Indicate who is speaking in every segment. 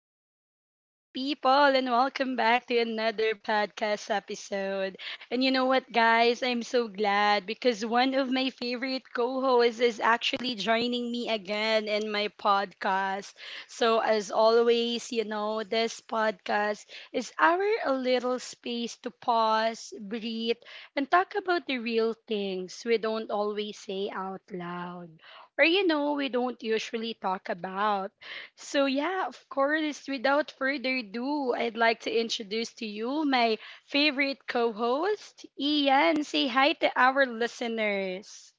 Speaker 1: Hello, beautiful people, and welcome back to another podcast episode. And you know what, guys? I'm so glad because one of my favorite co hosts is actually joining me again in my podcast. So, as always, you know, this podcast is our a little space to pause, breathe, and talk about the real things we don't always say out loud. Or, you know, we don't usually talk about. So yeah, of course, without further ado, I'd like to introduce to you my favorite co-host, Ian. Say hi to our listeners.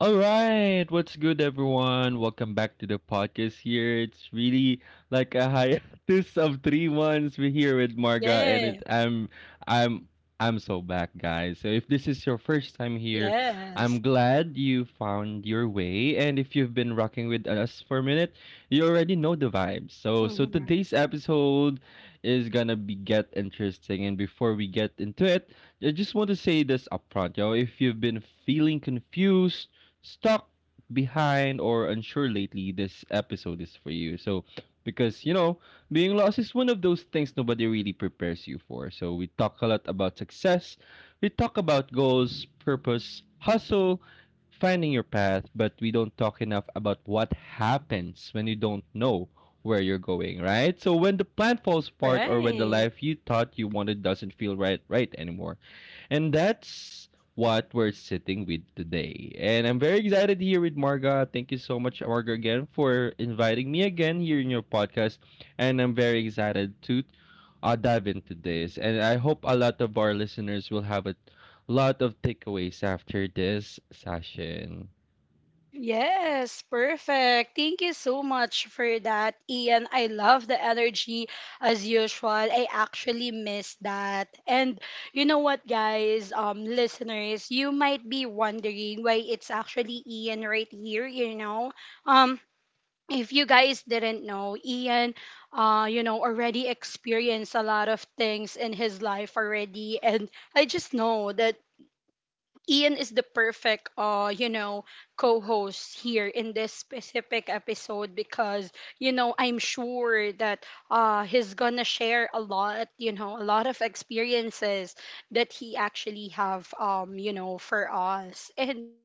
Speaker 2: All right, what's good, everyone? Welcome back to the podcast here. It's really like a hiatus of three months. We're here with Marga, and
Speaker 1: Yeah.
Speaker 2: it I'm I'm so back, guys. So if this is your first time here,
Speaker 1: Yes.
Speaker 2: I'm glad you found your way. And if you've been rocking with us for a minute, you already know the vibes.
Speaker 1: Mhm.
Speaker 2: So today's episode is gonna be get interesting. And before we get into it, I just want to say this upfront, yo. If you've been feeling confused, stuck, behind, or unsure lately, this episode is for you. So, because being lost is one of those things nobody really prepares you for. So we talk a lot about success, we talk about goals, purpose, hustle, finding your path, but we don't talk enough about what happens when you don't know where you're going, right? So when the plan falls apart or when the
Speaker 1: Right.
Speaker 2: life you thought you wanted doesn't feel right anymore. And that's what we're sitting with today. And I'm very excited here with Marga. Thank you so much, Marga, again for inviting me again here in your podcast. And I'm very excited to dive into this. And I hope a lot of our listeners will have a lot of takeaways after this session.
Speaker 1: Yes, perfect. Thank you so much for that, Ian. I love the energy as usual. I actually miss that. And you know what, guys, listeners, you might be wondering why it's actually Ian right here, you know? Um, if you guys didn't know, Ian, you know, already experienced a lot of things in his life already. And I just know that Ian is the perfect you know co-host here in this specific episode, because you know I'm sure that he's gonna share a lot, you know, a lot of experiences that he actually have, you know, for us. And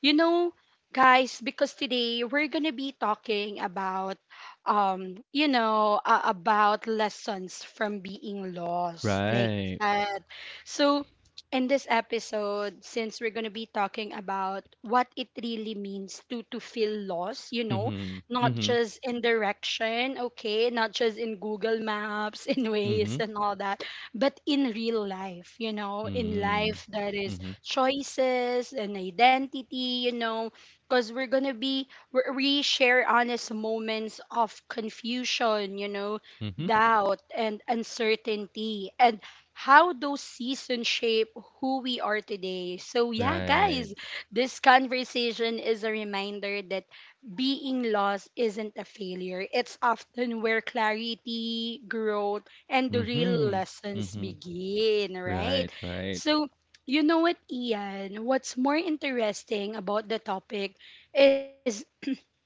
Speaker 1: you know guys, because today we're gonna be talking about, you know, about lessons from being lost,
Speaker 2: Right.
Speaker 1: like that. So in this episode, since we're going to be talking about what it really means to feel lost, you know,
Speaker 2: Mm-hmm.
Speaker 1: not
Speaker 2: Mm-hmm.
Speaker 1: just in direction, okay, not just in Google Maps, in ways
Speaker 2: Mm-hmm.
Speaker 1: and all that, but in real life, you know, in
Speaker 2: Mm-hmm.
Speaker 1: life that is
Speaker 2: Mm-hmm.
Speaker 1: choices and identity, you know, because we're going to be, we we share honest moments of confusion, you know,
Speaker 2: Mm-hmm.
Speaker 1: doubt and uncertainty, and how those seasons shape who we are today. So, yeah,
Speaker 2: Right.
Speaker 1: guys, this conversation is a reminder that being lost isn't a failure. It's often where clarity, growth, and the real
Speaker 2: Mm-hmm.
Speaker 1: lessons
Speaker 2: Mm-hmm.
Speaker 1: begin, right?
Speaker 2: Right. Right.
Speaker 1: So, you know what, Ian? What's more interesting about the topic is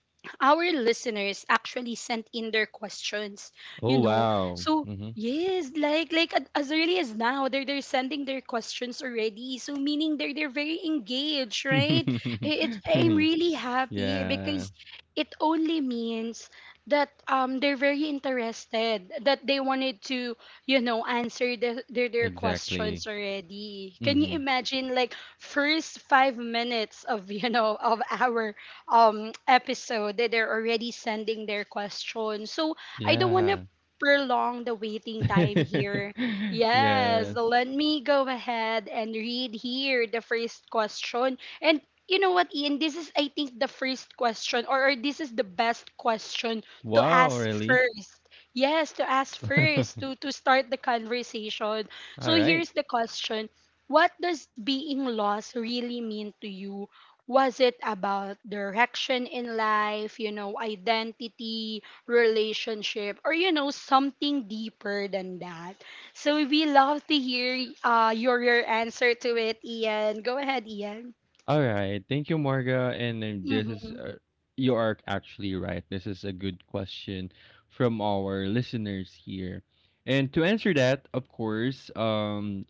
Speaker 1: our listeners actually sent in their questions, you
Speaker 2: Oh
Speaker 1: know.
Speaker 2: wow.
Speaker 1: So
Speaker 2: Mm-hmm.
Speaker 1: yes, like as early as now, they're sending their questions already. So meaning they're very engaged, right? I'm really happy
Speaker 2: Yeah,
Speaker 1: because it only means that they're very interested, that they wanted to, you know, answer their
Speaker 2: exactly.
Speaker 1: questions already. Can you
Speaker 2: Hmm.
Speaker 1: imagine, like, first 5 minutes of you know of our episode, that they're already sending their questions. So I don't want to
Speaker 2: Yeah.
Speaker 1: prolong the waiting time here. Yes,
Speaker 2: Yes.
Speaker 1: let me go ahead and read here the first question. And you know what, Ian? This is, I think, the first question, or this is the best question to
Speaker 2: Wow,
Speaker 1: ask
Speaker 2: really?
Speaker 1: first. Yes, to ask
Speaker 2: All
Speaker 1: first, to start the conversation. So
Speaker 2: right.
Speaker 1: here's the question. What does being lost really mean to you? Was it about direction in life, you know, identity, relationship, or, you know, something deeper than that? So we love to hear, your answer to it, Ian. Go ahead, Ian.
Speaker 2: All right. Thank you, Marga. And
Speaker 1: Mm-hmm.
Speaker 2: you are actually right. This is a good question from our listeners here. And to answer that, of course,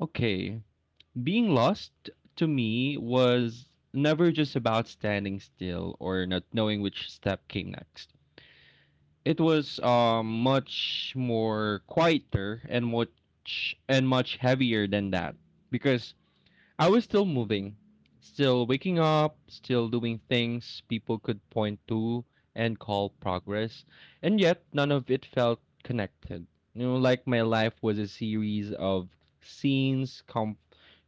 Speaker 2: okay, being lost to me was never just about standing still or not knowing which step came next. It was much more quieter and much heavier than that because I was still moving, still waking up, still doing things people could point to and call progress, and yet none of it felt connected. You know, like my life was a series of scenes come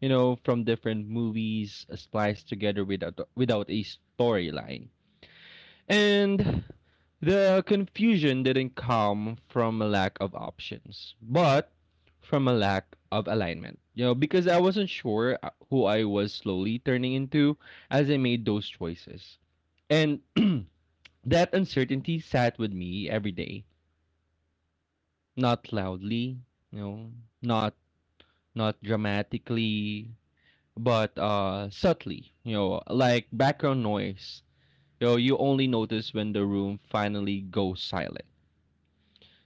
Speaker 2: you know from different movies spliced together without a storyline, and the confusion didn't come from a lack of options, but from a lack of alignment. You know, because I wasn't sure who I was slowly turning into as I made those choices. And that uncertainty sat with me every day, not loudly, you know, not not dramatically, but subtly, you know, like background noise. You know, you only notice when the room finally goes silent.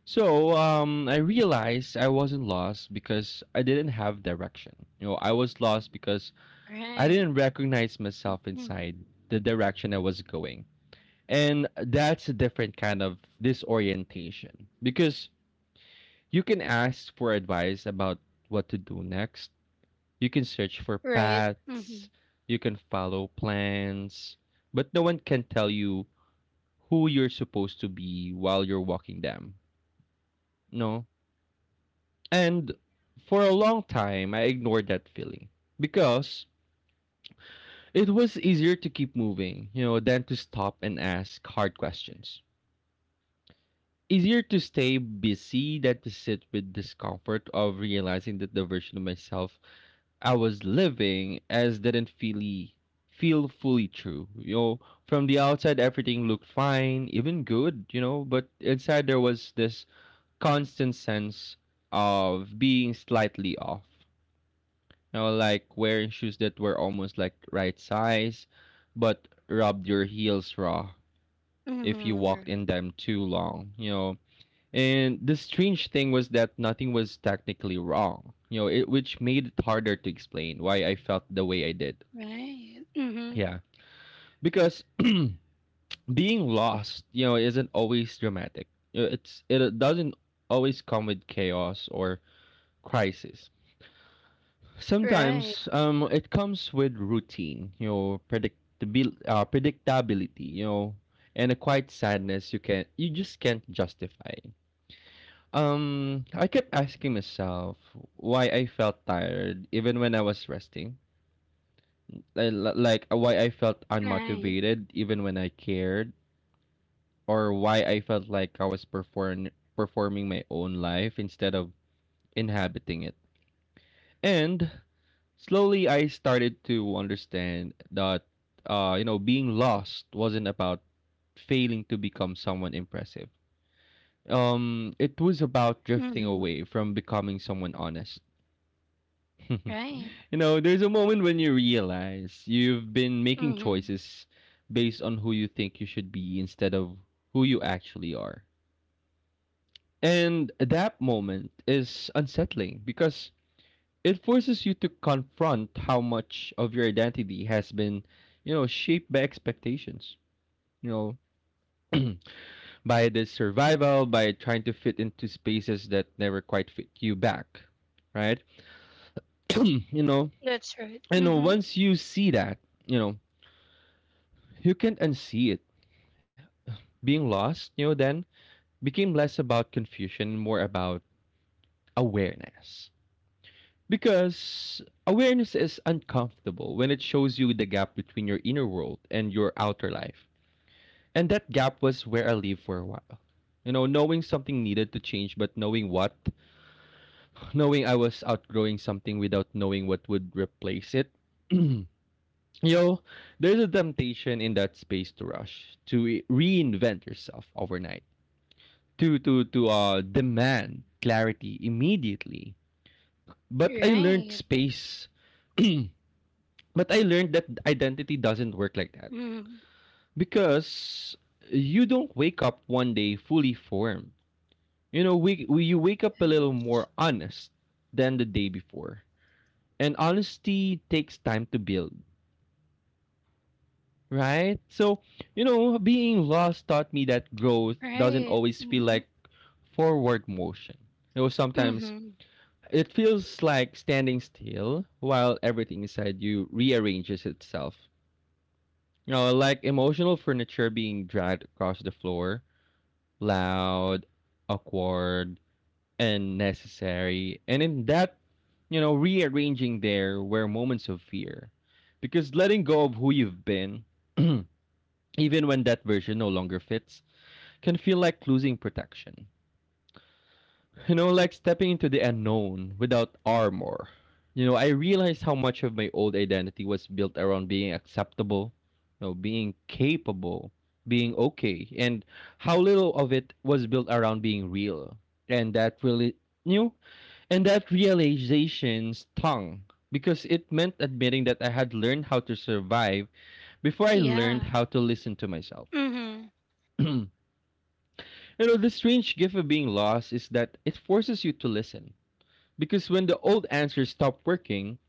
Speaker 2: So I realized I wasn't lost because I didn't have direction. You know, I was lost because I
Speaker 1: Right.
Speaker 2: didn't recognize myself
Speaker 1: Mm.
Speaker 2: inside the direction I was going. And that's a different kind of disorientation, because you can ask for advice about what to do next. You can search for
Speaker 1: Right. Mm-hmm.
Speaker 2: paths. You can follow plans. But no one can tell you who you're supposed to be while you're walking them. No. And for a long time, I ignored that feeling because it was easier to keep moving, you know, than to stop and ask hard questions. Easier to stay busy than to sit with discomfort of realizing that the version of myself I was living as didn't feel fully true. You know, from the outside everything looked fine, even good, you know, but inside there was this constant sense of being slightly off. You know, like wearing shoes that were almost like right size, but rubbed your heels raw if you walked in
Speaker 1: Mm-hmm.
Speaker 2: them too long, you know. And the strange thing was that nothing was technically wrong, you know, it, which made it harder to explain why I felt the way I did.
Speaker 1: Right. Right. Mm-hmm.
Speaker 2: Yeah. Because being lost, you know, isn't always dramatic. You know, it's it doesn't always come with chaos or crisis.
Speaker 1: Right.
Speaker 2: Sometimes it comes with routine, you know, predictability, you know, and a quiet sadness you just can't justify. I kept asking myself why I felt tired even when I was resting. Like why I felt
Speaker 1: Right.
Speaker 2: unmotivated even when I cared, or why I felt like I was performing my own life instead of inhabiting it. And slowly, I started to understand that, you know, being lost wasn't about failing to become someone impressive. It was about drifting
Speaker 1: Mm-hmm.
Speaker 2: away from becoming someone honest.
Speaker 1: Right.
Speaker 2: you know, there's a moment when you realize you've been making
Speaker 1: Mm-hmm.
Speaker 2: choices based on who you think you should be instead of who you actually are. And that moment is unsettling because it forces you to confront how much of your identity has been, you know, shaped by expectations, you know, by the survival, by trying to fit into spaces that never quite fit you back, right? You know,
Speaker 1: That's right.
Speaker 2: you know,
Speaker 1: Mm-hmm.
Speaker 2: once you see that, you know, you can't unsee it. Being lost, you know, then became less about confusion, more about awareness. Because awareness is uncomfortable when it shows you the gap between your inner world and your outer life. And that gap was where I lived for a while. You know, knowing something needed to change, but knowing what, knowing I was outgrowing something without knowing what would replace it. You know, there's a temptation in that space to rush, to reinvent yourself overnight, to demand clarity immediately. But I learned
Speaker 1: Right.
Speaker 2: space. But I learned that identity doesn't work like that
Speaker 1: Mm-hmm.
Speaker 2: because you don't wake up one day fully formed. You know, we you wake up a little
Speaker 1: Yes.
Speaker 2: more honest than the day before, and honesty takes time to build, right? So you know being lost taught me that growth doesn't
Speaker 1: Right.
Speaker 2: always feel
Speaker 1: Mm-hmm.
Speaker 2: like forward motion. You know, sometimes
Speaker 1: Mhm.
Speaker 2: it feels like standing still while everything inside you rearranges itself. You know, like emotional furniture being dragged across the floor, loud, awkward, and necessary. And in that, you know, rearranging there were moments of fear. Because letting go of who you've been, even when that version no longer fits, can feel like losing protection. You know, like stepping into the unknown without armor. You know, I realized how much of my old identity was built around being acceptable, you know, being capable, being okay, and how little of it was built around being real. And that really, you know, and that realization stung because it meant admitting that I had learned how to survive before I
Speaker 1: Yeah.
Speaker 2: learned how to listen to myself.
Speaker 1: Mhm.
Speaker 2: You know, the strange gift of being lost is that it forces you to listen. Because when the old answers stop working,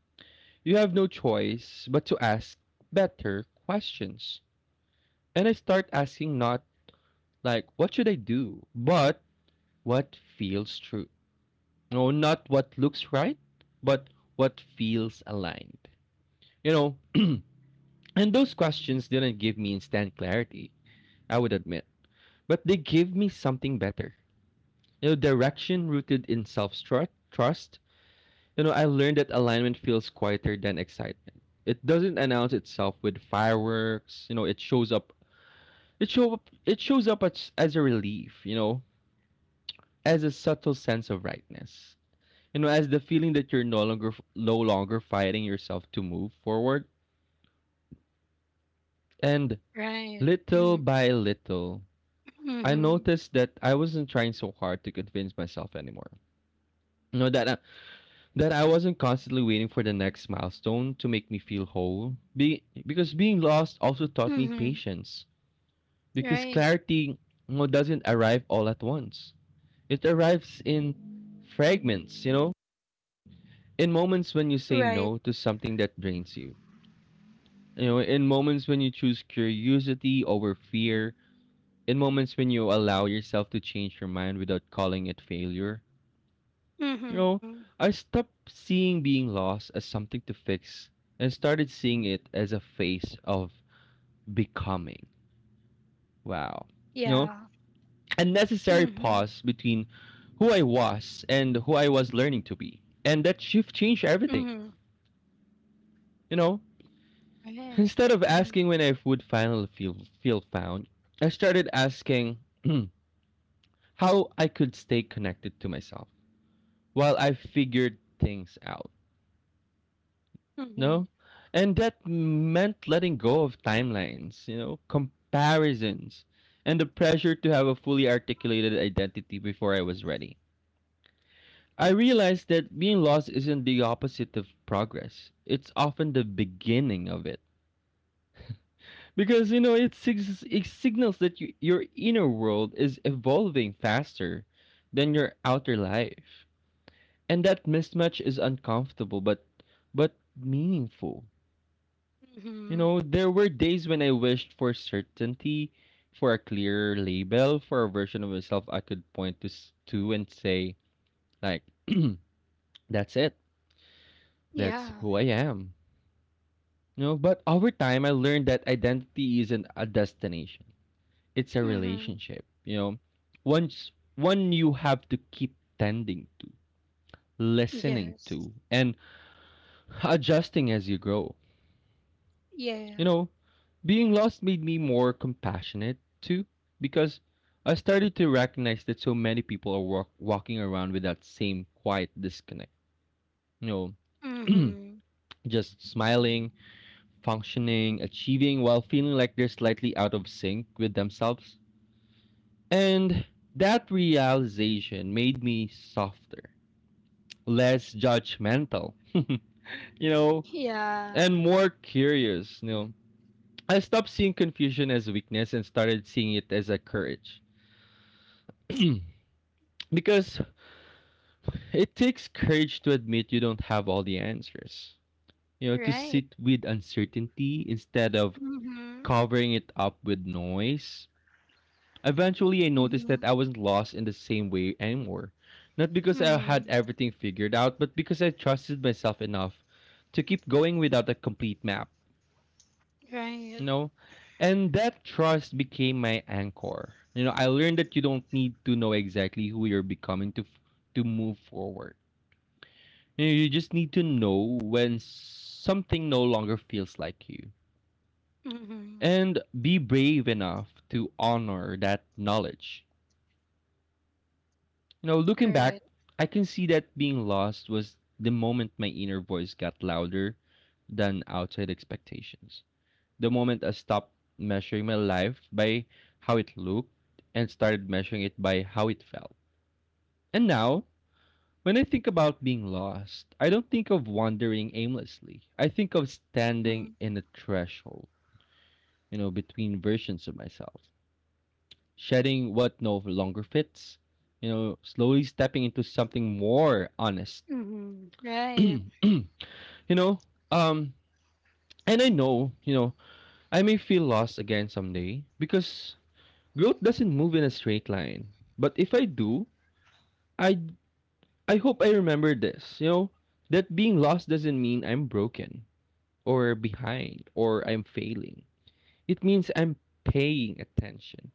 Speaker 2: you have no choice but to ask better questions. And I start asking not like, what should I do? But what feels true. No, not what looks right, but what feels aligned. You know, and those questions didn't give me instant clarity, I would admit, but they gave me something better. You know, direction rooted in self trust. You know, I learned that alignment feels quieter than excitement. It doesn't announce itself with fireworks. You know, it shows up. It shows up as a relief. You know, as a subtle sense of rightness. You know, as the feeling that you're no longer fighting yourself to move forward. And
Speaker 1: Right.
Speaker 2: little
Speaker 1: Mhm.
Speaker 2: by little, I
Speaker 1: Mhm.
Speaker 2: noticed that I wasn't trying so hard to convince myself anymore. You know that I wasn't constantly waiting for the next milestone to make me feel whole. Be, because being lost also taught me
Speaker 1: Mhm.
Speaker 2: patience. Because
Speaker 1: Right.
Speaker 2: clarity you know, doesn't arrive all at once. It arrives in fragments. You know, in moments when you say
Speaker 1: Right.
Speaker 2: no to something that drains you. You know, in moments when you choose curiosity over fear. In moments when you allow yourself to change your mind without calling it failure. You
Speaker 1: Mhm.
Speaker 2: know, I stopped seeing being lost as something to fix and started seeing it as a phase of becoming. Wow.
Speaker 1: Yeah.
Speaker 2: You know, a necessary
Speaker 1: Mhm.
Speaker 2: pause between who I was and who I was learning to be. And that shift changed
Speaker 1: Mhm.
Speaker 2: everything. You know,
Speaker 1: Right.
Speaker 2: instead of
Speaker 1: Mhm.
Speaker 2: asking when I would finally feel found, I started asking how I could stay connected to myself while I figured things out.
Speaker 1: Mhm.
Speaker 2: No? And that meant letting go of timelines, you know, comparisons, and the pressure to have a fully articulated identity before I was ready. I realized that being lost isn't the opposite of progress. It's often the beginning of it. Because, you know, it, it signals that you, your inner world is evolving faster than your outer life. And that mismatch is uncomfortable but meaningful.
Speaker 1: Mhm.
Speaker 2: You know, there were days when I wished for certainty, for a clear label, for a version of myself I could point to and say, like, that's it.
Speaker 1: Yeah.
Speaker 2: That's who I am. But over time, I learned that identity isn't a destination. It's a
Speaker 1: Mhm.
Speaker 2: relationship. You know, once one you have to keep tending to, listening
Speaker 1: Yes.
Speaker 2: to, and adjusting as you grow.
Speaker 1: Yeah.
Speaker 2: You know, Being lost made me more compassionate too, because I started to recognize that so many people are walking around with that same quiet disconnect. You know,
Speaker 1: Mhm.
Speaker 2: just smiling, functioning, achieving while feeling like they're slightly out of sync with themselves. And that realization made me softer, less judgmental, know,
Speaker 1: Yeah.
Speaker 2: and more curious. I stopped seeing confusion as weakness and started seeing it as a courage. Because it takes courage to admit you don't have all the answers. To
Speaker 1: Right.
Speaker 2: sit with uncertainty instead of
Speaker 1: Mhm.
Speaker 2: covering it up with noise. Eventually, I noticed
Speaker 1: Mhm.
Speaker 2: that I wasn't lost in the same way anymore. Not because I had
Speaker 1: Mhm.
Speaker 2: everything figured out, but because I trusted myself enough to keep going without a complete map.
Speaker 1: Right.
Speaker 2: you know and that trust became my anchor. I learned that you don't need to know exactly who you're becoming to move forward. You just need to know when something no longer feels like you
Speaker 1: Mhm.
Speaker 2: and be brave enough to honor that knowledge. Looking back,
Speaker 1: Right.
Speaker 2: I can see that being lost was the moment my inner voice got louder than outside expectations, the moment I stopped measuring my life by how it looked and started measuring it by how it felt. And now, when I think about being lost, I don't think of wandering aimlessly. I think of standing
Speaker 1: Mhm.
Speaker 2: in a threshold, between versions of myself, shedding what no longer fits, slowly stepping into something more honest.
Speaker 1: Mhm.
Speaker 2: you
Speaker 1: Right.
Speaker 2: know, um, and I know, I may feel lost again someday because growth doesn't move in a straight line. But if I do, I I hope I remember this, that being lost doesn't mean I'm broken or behind or I'm failing. It means I'm paying attention.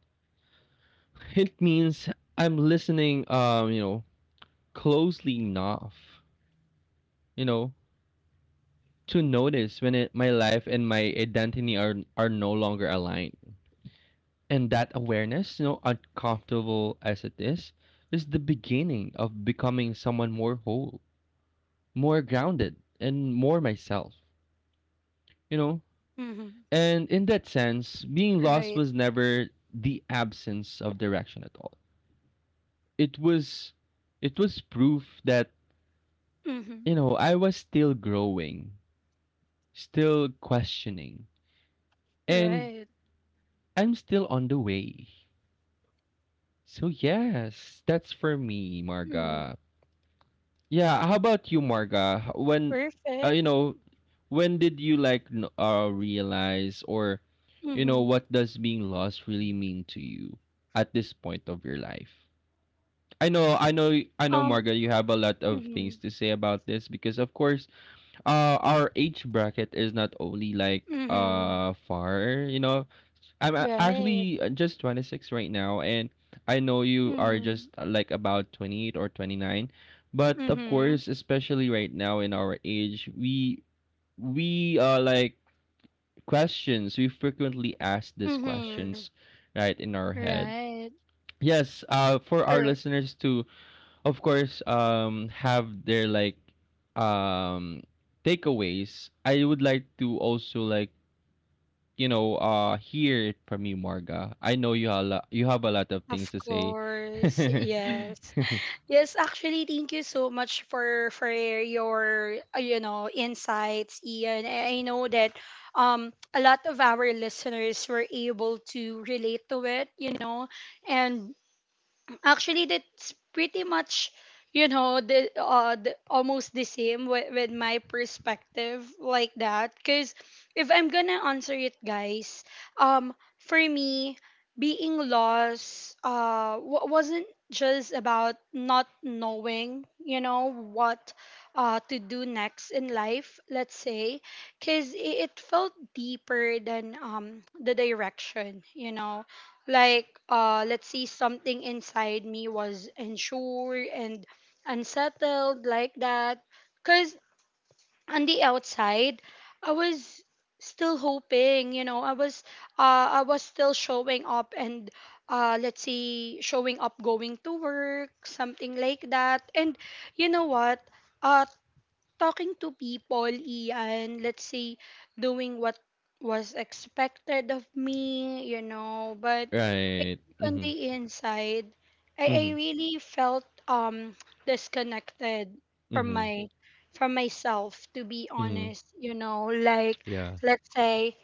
Speaker 2: It means I'm listening closely enough, you know, to notice when my life and my identity are no longer aligned. And that awareness, uncomfortable as it is the beginning of becoming someone more whole, more grounded, and more
Speaker 1: Mhm.
Speaker 2: myself, you know?
Speaker 1: Right.
Speaker 2: And in that sense, being lost was never the absence of direction at all. It was
Speaker 1: Mhm.
Speaker 2: proof that, I was still growing, still
Speaker 1: Right.
Speaker 2: questioning, and I'm still on the way. So yes, that's
Speaker 1: Mhm.
Speaker 2: for me, Marga. Yeah, how about you, Marga?
Speaker 1: Perfect.
Speaker 2: Uh, you know, when did you like realize or
Speaker 1: Mhm.
Speaker 2: what does being lost really mean to you at this point of your life? I know,
Speaker 1: Um.
Speaker 2: Marga. You have a lot of
Speaker 1: Mhm.
Speaker 2: things to say about this because, of course, our age bracket is not only like
Speaker 1: Mhm.
Speaker 2: far, I'm a-
Speaker 1: Right.
Speaker 2: actually just 26 right now, and I know you are just
Speaker 1: Mhm.
Speaker 2: like about 28 or 29. But of
Speaker 1: Mhm.
Speaker 2: course, especially right now in our age, we like questions. We frequently ask these
Speaker 1: Mhm.
Speaker 2: questions, right, in our head.
Speaker 1: Right.
Speaker 2: Yes, for our
Speaker 1: Correct.
Speaker 2: listeners to, of course, have their like, um, takeaways. I would like to also like hear it from you, Marga. I know you have a lot. You have a lot of things
Speaker 1: Of
Speaker 2: to say.
Speaker 1: course.
Speaker 2: Right.
Speaker 1: Yes. Yes, actually thank you so much for your, you know, insights, Ian. I know that a lot of our listeners were able to relate to it, you know. And actually that's pretty much you know the almost the same with my perspective, like that. Because if I'm gonna answer it, guys, for me, being lost wasn't just about not knowing, you know, what to do next in life, let's say, because it felt deeper than the direction, you know. Like, let's see, something inside me was unsure and unsettled, like that. Because on the outside, I was still hoping, you know, I was still showing up, and let's see, showing up, going to work, something like that. And you know what, uh talking to people, Ian, let's see, doing what was expected of me, you know. But on
Speaker 2: Mm-hmm.
Speaker 1: the inside, I
Speaker 2: Mm-hmm.
Speaker 1: really felt disconnected from
Speaker 2: Mm-hmm.
Speaker 1: my from myself, to be
Speaker 2: Mm-hmm.
Speaker 1: honest, you know. Like,
Speaker 2: Yeah.
Speaker 1: let's say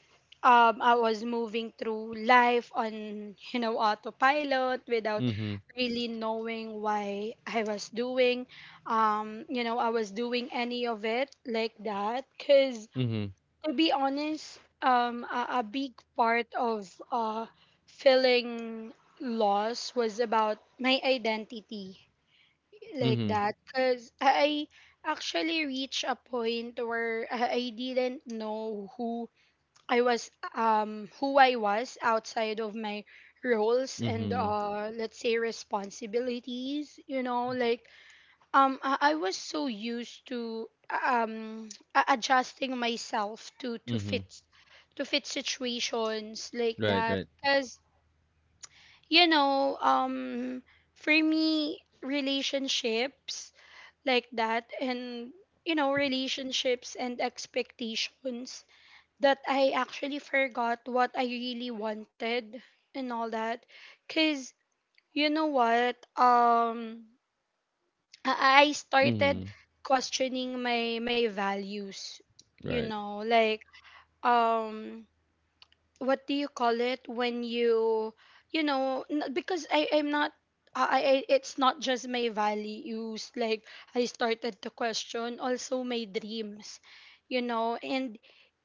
Speaker 1: I was moving through life on, you know, autopilot without
Speaker 2: Mm-hmm.
Speaker 1: really knowing why I was doing, you know, I was doing any of it, like that. Cuz
Speaker 2: Mm-hmm.
Speaker 1: to be honest, a big part of, feeling lost was about my identity, like
Speaker 2: Mm-hmm.
Speaker 1: that. Because I actually reached a point where I didn't know I was, who I was outside of my roles and,
Speaker 2: Mm-hmm.
Speaker 1: let's say, responsibilities. You know, like, I was so used to adjusting myself to to
Speaker 2: Mm-hmm.
Speaker 1: fit to fit situations, like
Speaker 2: Right.
Speaker 1: that.
Speaker 2: Right.
Speaker 1: Because you know, for me, relationships, like that, and you know, relationships and expectations, that I actually forgot what I really wanted and all that. Because you know what, I started
Speaker 2: Mm-hmm.
Speaker 1: questioning my values. You
Speaker 2: Right.
Speaker 1: know, like, um what do you call it, when you know, because I I'm not I, I- it's not just my values, like I started to question also my dreams, you know, and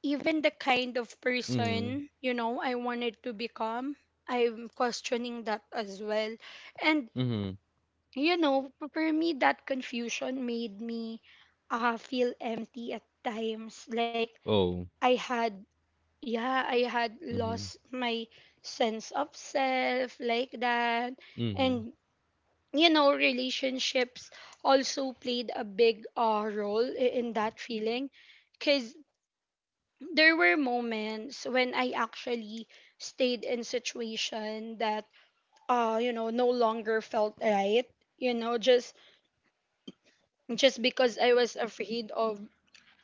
Speaker 1: even the kind of
Speaker 2: Mm-hmm.
Speaker 1: person, you know, I wanted to become. I'm questioning that as well. And
Speaker 2: Mm-hmm.
Speaker 1: you know, for me, that confusion made me, feel empty at times. Like
Speaker 2: Oh.
Speaker 1: I had, yeah, I had
Speaker 2: Mm-hmm.
Speaker 1: lost my sense of self, like that.
Speaker 2: Mm-hmm.
Speaker 1: And, you know, relationships also played a big, role in that feeling. Because there were moments when I actually stayed in situation that, you know, no longer felt right. You know, just because I was afraid of,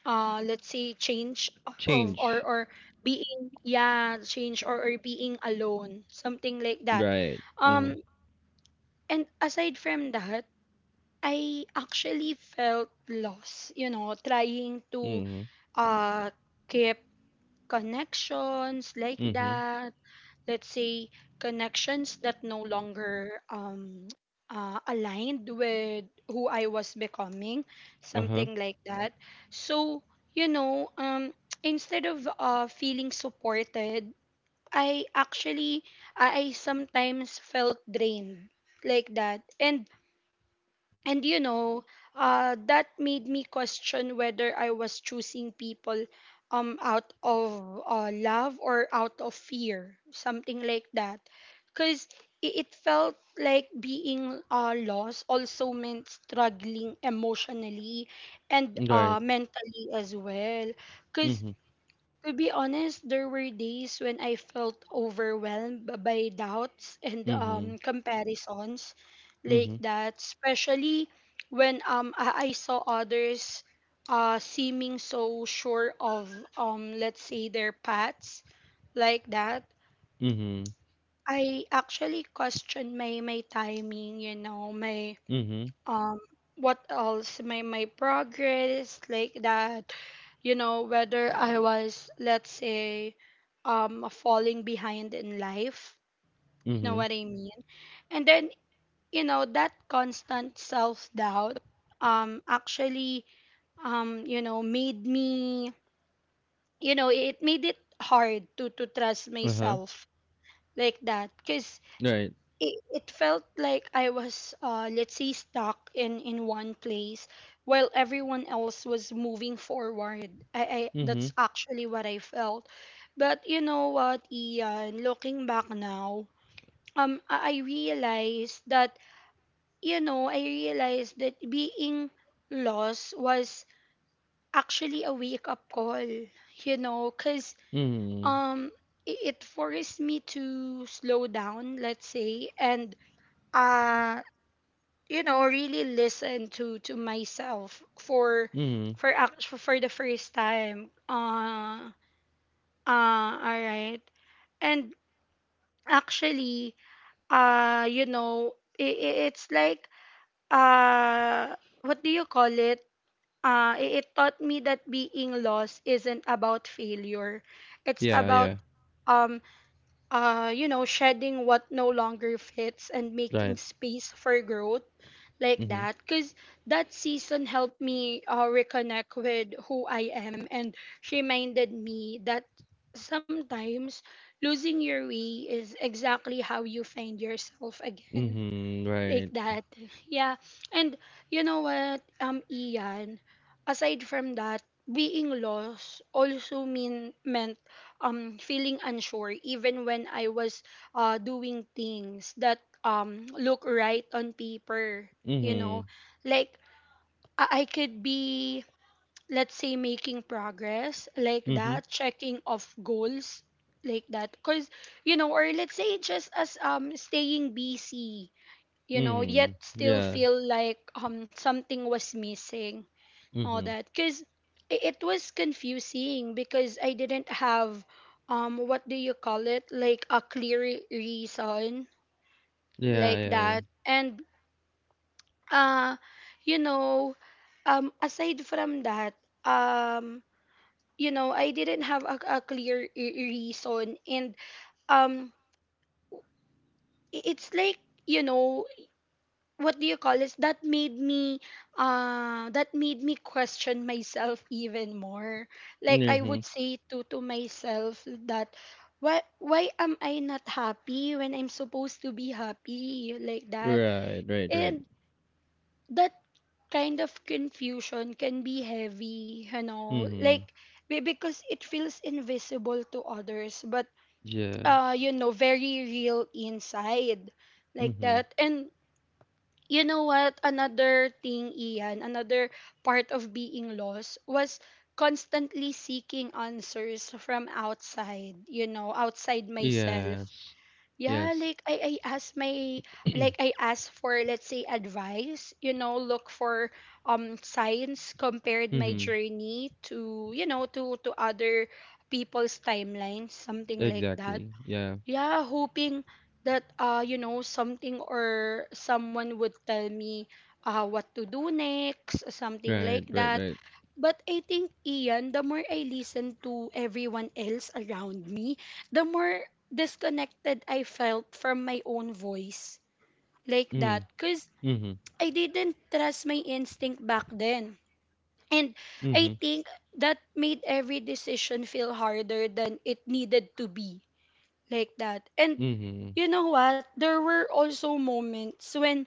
Speaker 1: let's say, change, of
Speaker 2: Change.
Speaker 1: or being yeah change or being alone, something like that.
Speaker 2: Right. Mm-hmm.
Speaker 1: Um and aside from that, I actually felt lost, you know, trying to,
Speaker 2: Mm-hmm.
Speaker 1: uh keep connections, like
Speaker 2: Mm-hmm.
Speaker 1: that. Let's say connections that no longer, aligned with who I was becoming,
Speaker 2: Uh-huh.
Speaker 1: something like that. So, you know, instead of, feeling supported, I actually I sometimes felt drained, like that. And you know, that made me question whether I was choosing people, out of, love or out of fear, something like that. Because felt like being, lost also meant struggling emotionally and,
Speaker 2: Right.
Speaker 1: mentally as well. Because
Speaker 2: Mm-hmm.
Speaker 1: to be honest, there were days when I felt overwhelmed by doubts and,
Speaker 2: Mm-hmm.
Speaker 1: comparisons, like
Speaker 2: Mm-hmm.
Speaker 1: that, especially when, I saw others, seeming so sure of, let's say, their paths, like that.
Speaker 2: Mm-hmm.
Speaker 1: I actually questioned my timing, you know, my,
Speaker 2: Mm-hmm.
Speaker 1: um what else, my progress, like that, you know, whether I was, let's say, falling behind in life, you know
Speaker 2: Mm-hmm.
Speaker 1: what I mean. And then, you know, that constant self doubt, actually, you know, it made it hard to trust
Speaker 2: Uh-huh.
Speaker 1: myself, like that. Cuz
Speaker 2: Right.
Speaker 1: it felt like I was, let's say, stuck in one place while everyone else was moving forward. I
Speaker 2: Mm-hmm.
Speaker 1: That's actually what I felt. But you know what, Ian? Looking back now, I realized that, being lost was actually a wake up call. You know, cause,
Speaker 2: Mhm,
Speaker 1: um, it forced me to slow down. Let's say, and, uh you know, really listen to myself, for
Speaker 2: mhm.
Speaker 1: for act- for the first time, all right, and actually, you know, it's like, uh what do you call it, it taught me that being lost isn't about failure. It's
Speaker 2: Yeah,
Speaker 1: about,
Speaker 2: yeah,
Speaker 1: um you know, shedding what no longer fits and making
Speaker 2: right.
Speaker 1: space for growth, like
Speaker 2: Mhm,
Speaker 1: that. Because that season helped me, reconnect with who I am and reminded me that sometimes losing your way is exactly how you find yourself again,
Speaker 2: mhm,
Speaker 1: like
Speaker 2: right.
Speaker 1: that. Yeah. And you know what, Ian, aside from that, being lost also meant feeling unsure even when I was, doing things that, look right on paper, you know.
Speaker 2: Mhm,
Speaker 1: Like, I could be, let's say, making progress, like
Speaker 2: mhm,
Speaker 1: that, checking off goals, like that, because you know, or let's say just as, staying busy, you know, yet
Speaker 2: mhm.
Speaker 1: still
Speaker 2: Yeah,
Speaker 1: feel like, something was missing, all
Speaker 2: mhm.
Speaker 1: that. Because it was confusing because I didn't have what do you call it, like a clear reason
Speaker 2: Yeah,
Speaker 1: like
Speaker 2: yeah, yeah.
Speaker 1: that, and uh, you know, aside from that, um you know I didn't have a clear reason, and um it's like, you know, what do you call this that made me question myself even more. Like I would
Speaker 2: Mhm.
Speaker 1: say to myself that, why am I not happy when I'm supposed to be happy, like that.
Speaker 2: Right, right, right.
Speaker 1: And that kind of confusion can be heavy, you know,
Speaker 2: Mhm.
Speaker 1: like because it feels invisible to others, but
Speaker 2: Yes.
Speaker 1: you know, very real inside, like
Speaker 2: Mhm.
Speaker 1: that. And you know what, another thing, Ian, another part of being lost was constantly seeking answers from outside, you know, outside myself.
Speaker 2: Yes.
Speaker 1: Yeah,
Speaker 2: Yes.
Speaker 1: like I ask my, like I ask for, let's say, advice, you know, look for science, compared my
Speaker 2: Mhm.
Speaker 1: journey to, you know, to other people's timelines, something like that.
Speaker 2: Exactly. Yeah.
Speaker 1: Yeah, hoping that, you know, something or someone would tell me what to do next, something
Speaker 2: Right,
Speaker 1: like
Speaker 2: right,
Speaker 1: that.
Speaker 2: right.
Speaker 1: But I think, Ian, the more I listen to everyone else around me, the more disconnected I felt from my own voice, like that,
Speaker 2: Mm.
Speaker 1: because
Speaker 2: Mhm.
Speaker 1: I didn't trust my instinct back then. And I
Speaker 2: Mhm.
Speaker 1: think that made every decision feel harder than it needed to be, like that. And
Speaker 2: Mhm.
Speaker 1: you know what? There were also moments when,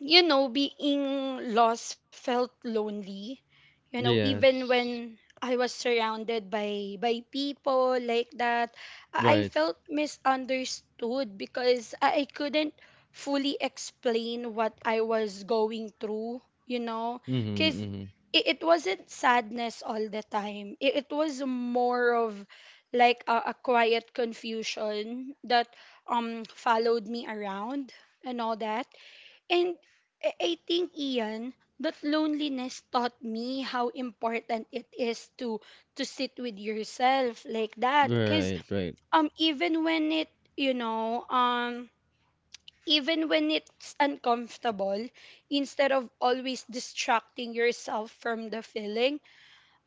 Speaker 1: you know, being lost felt lonely. You know, even
Speaker 2: Yes.
Speaker 1: when I was surrounded by people like that, I
Speaker 2: Right.
Speaker 1: felt misunderstood because I couldn't fully explain what I was going through, you know,
Speaker 2: Mhm,
Speaker 1: because
Speaker 2: mhm.
Speaker 1: it wasn't sadness all the time. It was more of like a quiet confusion that followed me around and all that. And I think, Ian, that loneliness taught me how important it is to sit with yourself, like that. Cause
Speaker 2: Right, right.
Speaker 1: even when it, you know um even when it's uncomfortable, instead of always distracting yourself from the feeling,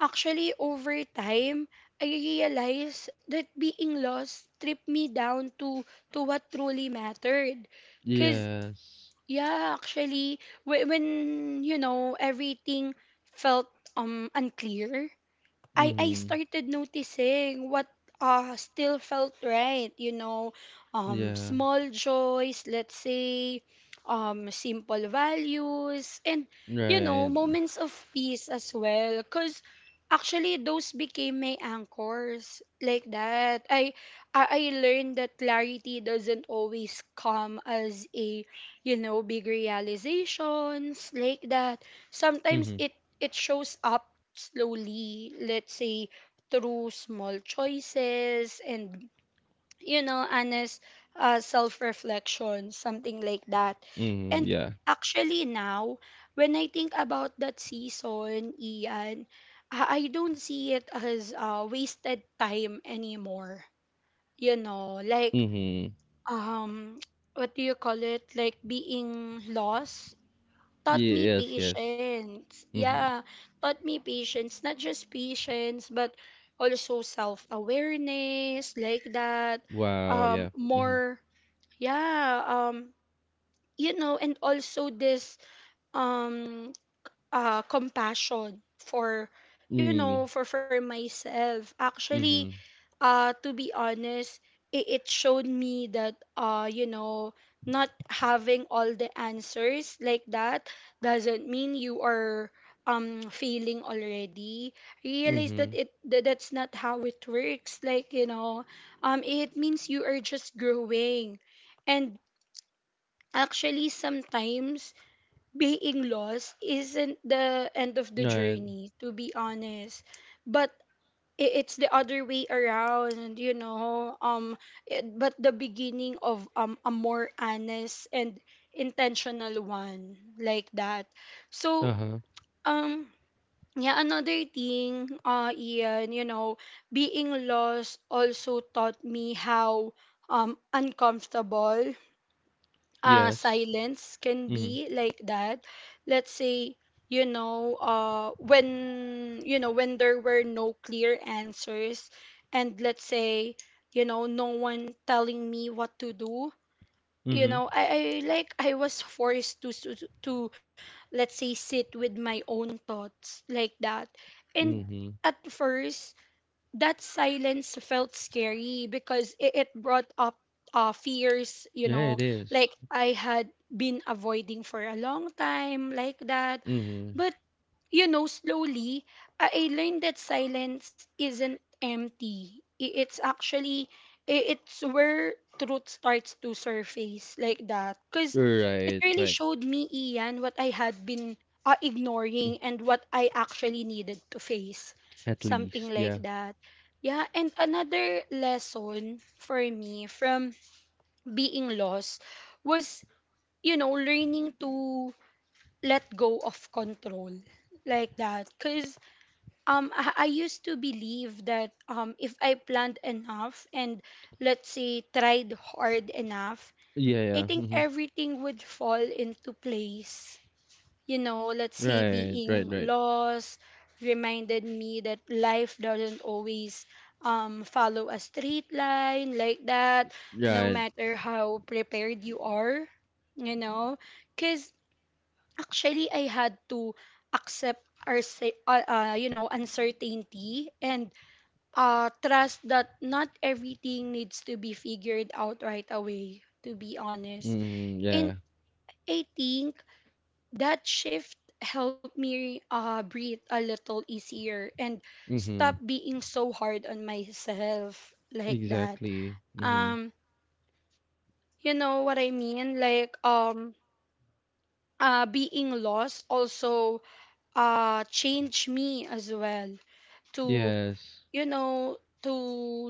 Speaker 1: actually over time I realized that being lost stripped me down to what truly mattered. Cause
Speaker 2: Yes.
Speaker 1: yeah, actually, when, you know, everything felt unclear, I
Speaker 2: Mhm.
Speaker 1: started noticing what still felt right, you know,
Speaker 2: Yeah.
Speaker 1: small joys, let's say, simple values, and, you know,
Speaker 2: Right.
Speaker 1: moments of peace as well, cuz actually those became my anchors, like that. I I learned that clarity doesn't always come as you know, big realizations like that. Sometimes
Speaker 2: Mhm.
Speaker 1: it, it shows up slowly, let's say through small choices and, you know, honest self-reflection, something like that.
Speaker 2: Mhm.
Speaker 1: And
Speaker 2: Yeah.
Speaker 1: actually now, when I think about that season, Ian, I don't see it as wasted time anymore. You know, like
Speaker 2: Mhm.
Speaker 1: um, what do you call it? Like being lost taught me
Speaker 2: Yes, yes.
Speaker 1: patience. Yeah,
Speaker 2: Mhm.
Speaker 1: taught me patience. Not just patience, but also self awareness, like that.
Speaker 2: Wow, yeah. Mhm.
Speaker 1: More, yeah, you know, and also this um compassion for, you know,
Speaker 2: Mm.
Speaker 1: for myself. Actually,
Speaker 2: Mhm.
Speaker 1: to be honest, it showed me that, you know, not having all the answers like that doesn't mean you are failing already. Realize that
Speaker 2: Mhm.
Speaker 1: it that that's not how it works, like, you know, it means you are just growing. And actually sometimes being lost isn't the end of the
Speaker 2: Right.
Speaker 1: journey, to be honest, but it's the other way around, you know. But the beginning of a more honest and intentional one, like that. So
Speaker 2: Uh-huh.
Speaker 1: um yeah, another thing, Ian, you know, being lost also taught me how uncomfortable
Speaker 2: Yes.
Speaker 1: silence can
Speaker 2: Mhm.
Speaker 1: be, like that. Let's say, you know, when, you know, when there were no clear answers, and let's say, you know, no one telling me what to do. You
Speaker 2: Mhm.
Speaker 1: know, I like I was forced to, to let's say sit with my own thoughts, like that. And
Speaker 2: Mhm.
Speaker 1: at first that silence felt scary because it brought up fears, you
Speaker 2: Yeah,
Speaker 1: know,
Speaker 2: it is.
Speaker 1: like I had been avoiding for a long time, like that.
Speaker 2: Mhm.
Speaker 1: But, you know, slowly, I learned that silence isn't empty. It's actually, it's where truth starts to surface, like that. Because
Speaker 2: You're
Speaker 1: it
Speaker 2: right,
Speaker 1: really
Speaker 2: right.
Speaker 1: showed me, Ian, what I had been ignoring and what I actually needed to face.
Speaker 2: At
Speaker 1: Something
Speaker 2: least,
Speaker 1: like
Speaker 2: yeah.
Speaker 1: that. Yeah, and another lesson for me from being lost was, you know, learning to let go of control, like that. Because I used to believe that if I planned enough and, let's say, tried hard enough,
Speaker 2: Yeah, yeah.
Speaker 1: I think
Speaker 2: Mhm.
Speaker 1: everything would fall into place. You know, let's say
Speaker 2: Right, right,
Speaker 1: being
Speaker 2: right.
Speaker 1: lost reminded me that life doesn't always follow a straight line, like that, no
Speaker 2: Right.
Speaker 1: matter how prepared you are, you know. Cause actually I had to accept you know, uncertainty, and trust that not everything needs to be figured out right away, to be honest.
Speaker 2: Mhm.
Speaker 1: And
Speaker 2: Yeah.
Speaker 1: I think that shift helped me, breathe a little easier and stop
Speaker 2: Mhm.
Speaker 1: being so hard on myself, like that.
Speaker 2: Exactly. Mhm.
Speaker 1: um you know what I mean, like being lost also changed me as well to,
Speaker 2: Yes.
Speaker 1: you know, to,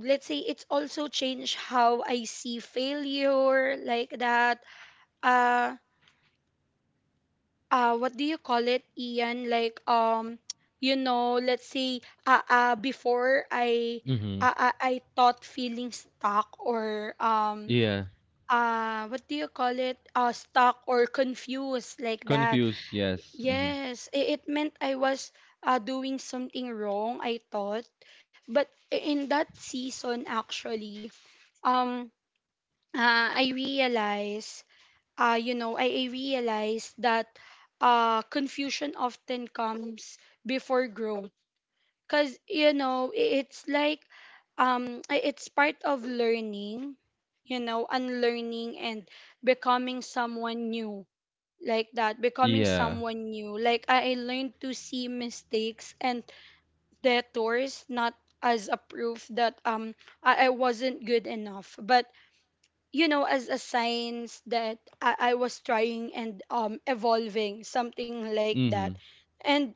Speaker 1: let's say, it's also changed how I see failure, like that. uh what do you call it, Ian, like, you know, let's say, before i
Speaker 2: Mhm.
Speaker 1: uh, i i thought feeling stuck or
Speaker 2: Yeah.
Speaker 1: what do you call it, stuck or confused, like that.
Speaker 2: Confused, yes. Mhm.
Speaker 1: Yes, it meant I was doing something wrong, I thought. But in that season, actually, um, I realized, you know, I realized that, confusion often comes before growth. Because, you know, it's like it's part of learning, you know, unlearning and becoming someone new like that. Becoming
Speaker 2: Yeah.
Speaker 1: someone new like I learned to see mistakes and detours not as a proof that I wasn't good enough, but, you know, as a signs that I was trying and evolving, something like that.
Speaker 2: Mhm.
Speaker 1: And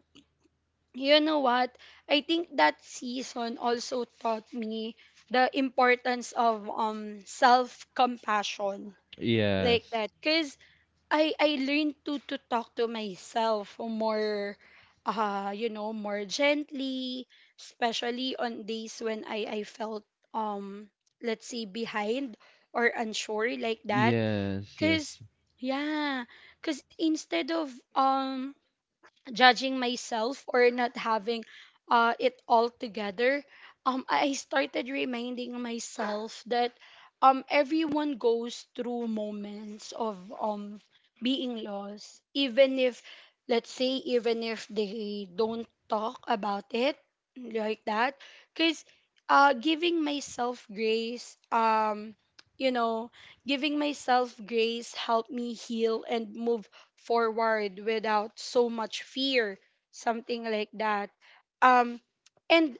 Speaker 1: you know what, I think that season also taught me the importance of self compassion, like
Speaker 2: Yes.
Speaker 1: that, because I learned to talk to myself more, you know, more gently, especially on days when I felt let's say behind or unsure, like that.
Speaker 2: Yes,
Speaker 1: Cuz
Speaker 2: yes.
Speaker 1: yeah, cuz instead of judging myself or not having it all together, I started reminding myself that everyone goes through moments of being lost, even if, let's say, even if they don't talk about it, like that, because giving myself grace, you know, giving myself grace helped me heal and move forward without so much fear, something like that. um and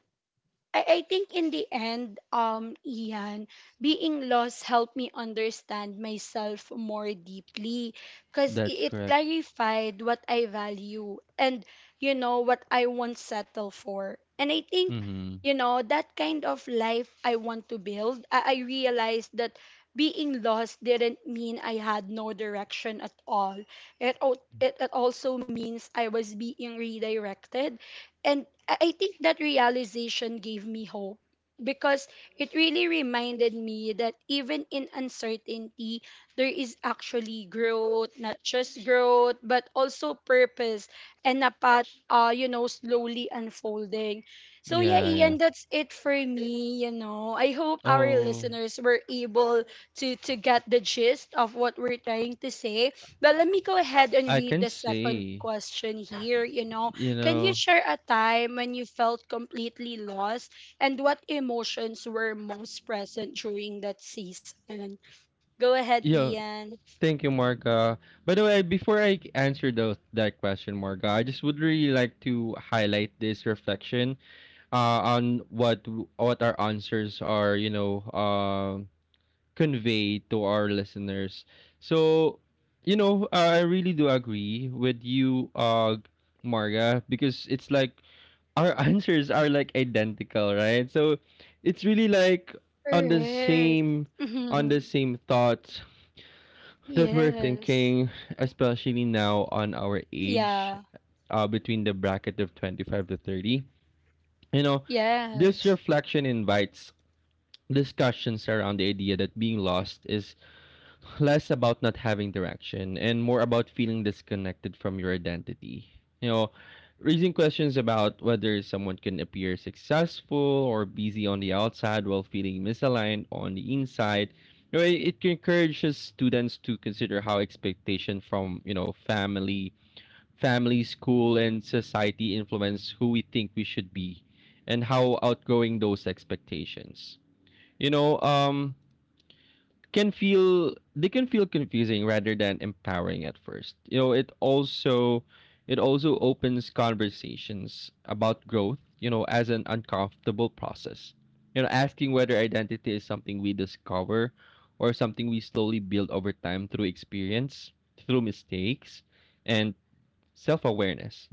Speaker 1: I think in the end, Ian, being lost helped me understand myself more deeply because
Speaker 2: That's
Speaker 1: it
Speaker 2: correct.
Speaker 1: clarified what I value and, you know, what I won't settle for. And I think,
Speaker 2: Mhm.
Speaker 1: you know, that kind of life I want to build, I realized that being lost didn't mean I had no direction at all. It also means I was being redirected. And I think that realization gave me hope because it really reminded me that even in uncertainty, there is actually growth, not just growth, but also purpose and a path, you know, slowly unfolding. So, yeah,
Speaker 2: Yeah, yeah.
Speaker 1: Ian, that's it for me. You know, I hope our
Speaker 2: Oh,
Speaker 1: listeners were able to, get the gist of what we're trying to say. But let me go ahead and
Speaker 2: I
Speaker 1: read
Speaker 2: can
Speaker 1: the second
Speaker 2: see.
Speaker 1: question here. You know,
Speaker 2: You
Speaker 1: can you
Speaker 2: know.
Speaker 1: share a time when you felt completely lost and what emotions were most present during that season? Go ahead,
Speaker 2: Yeah,
Speaker 1: Ian.
Speaker 2: thank you, Marga. By the way, before I answer those that question, Marga, I just would really like to highlight this reflection on what what our answers are, convey to our listeners. So, I really do agree with you, Marga, because it's like our answers are like identical, right? So, it's really like on the
Speaker 1: Correct.
Speaker 2: same thoughts that we're
Speaker 1: Yes.
Speaker 2: thinking, especially now on our age,
Speaker 1: Yeah.
Speaker 2: between the bracket of 25 to 30. You know, this
Speaker 1: Yes.
Speaker 2: reflection invites discussions around the idea that being lost is less about not having direction and more about feeling disconnected from your identity. You know, Raising questions about whether someone can appear successful or busy on the outside while feeling misaligned on the inside. It encourages students to consider how expectation from family, school, and society influence who we think we should be, and how outgrowing those expectations. You know, can feel they can feel confusing rather than empowering at first. It also opens conversations about growth, as an uncomfortable process. Asking whether identity is something we discover or something we slowly build over time through experience, through mistakes, and self-awareness.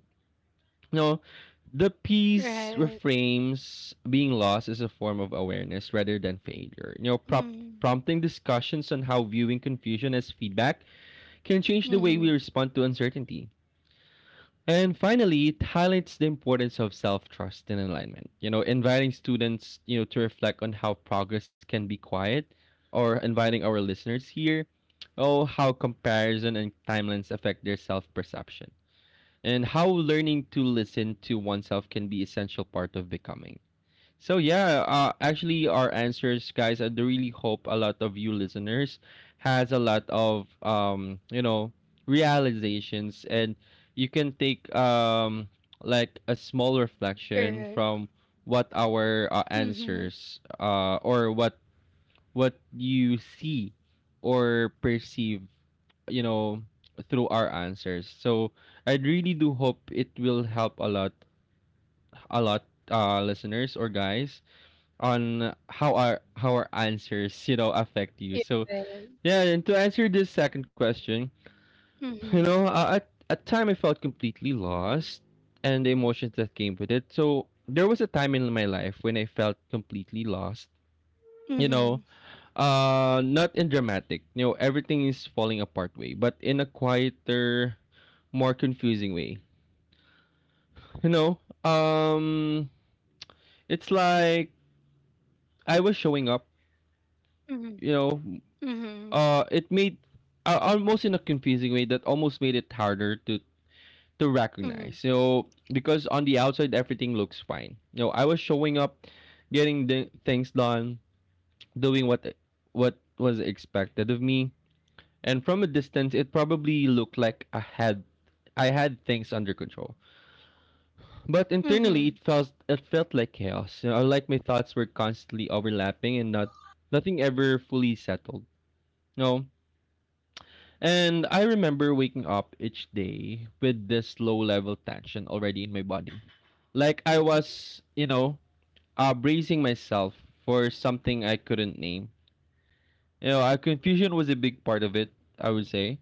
Speaker 2: No, the piece
Speaker 1: Right.
Speaker 2: reframes being lost as a form of awareness rather than failure.
Speaker 1: Mm.
Speaker 2: Prompting discussions on how viewing confusion as feedback can change the way we
Speaker 1: Mm-hmm.
Speaker 2: respond to uncertainty. And finally, it highlights the importance of self-trust and alignment. Inviting students, to reflect on how progress can be quiet, or inviting our listeners here, oh, how comparison and timelines affect their self-perception and how learning to listen to oneself can be essential part of becoming. So yeah, actually our answers, guys. I do really hope a lot of you listeners has a lot of realizations, and you can take like a small
Speaker 1: Correct.
Speaker 2: reflection from what our
Speaker 1: Mm-hmm.
Speaker 2: answers or what you see or perceive, you know, through our answers. So I really do hope it will help a lot, listeners or guys on how our answers, affect you. So,
Speaker 1: Yes.
Speaker 2: yeah, and to answer this second question,
Speaker 1: Mm-hmm.
Speaker 2: at time I felt completely lost and the emotions that came with it. So there was a time in my life when I felt completely lost. You
Speaker 1: Mm-hmm.
Speaker 2: know, Not in dramatic, everything is falling apart way, but in a quieter, more confusing way. You know, um, it's like I was showing up.
Speaker 1: Mm-hmm.
Speaker 2: You know,
Speaker 1: Mm-hmm.
Speaker 2: it made Almost in a confusing way that almost made it harder to
Speaker 1: Mm-hmm.
Speaker 2: recognize. Because on the outside everything looks fine. I was showing up, getting the things done, doing what was expected of me, and from a distance it probably looked like I had things under control. But
Speaker 1: Mm-hmm.
Speaker 2: internally it felt like chaos. Like my thoughts were constantly overlapping and not nothing ever fully settled. No. And I remember waking up each day with this low level tension already in my body. Like I was, bracing myself for something I couldn't name. Confusion was a big part of it, I would say.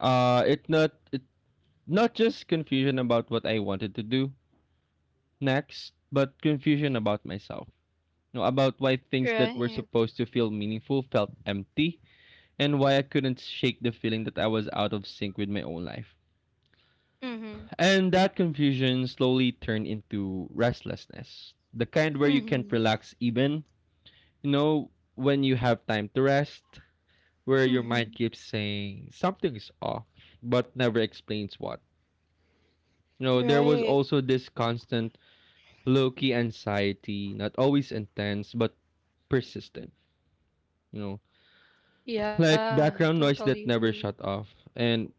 Speaker 2: It Not just confusion about what I wanted to do next, but confusion about myself. About why things that were
Speaker 1: Right.
Speaker 2: supposed to feel meaningful felt empty and why I couldn't shake the feeling that I was out of sync with my own life.
Speaker 1: Mm-hmm.
Speaker 2: And that confusion slowly turned into restlessness. The kind where you can't
Speaker 1: Mm-hmm.
Speaker 2: relax even, you know, when you have time to rest, where your mind
Speaker 1: Mm-hmm.
Speaker 2: keeps saying something is off, but never explains what. There was
Speaker 1: Right.
Speaker 2: also this constant low key anxiety, not always intense, but persistent, you know,
Speaker 1: Yeah, I
Speaker 2: like
Speaker 1: totally
Speaker 2: background noise
Speaker 1: agree.
Speaker 2: that never shut off. And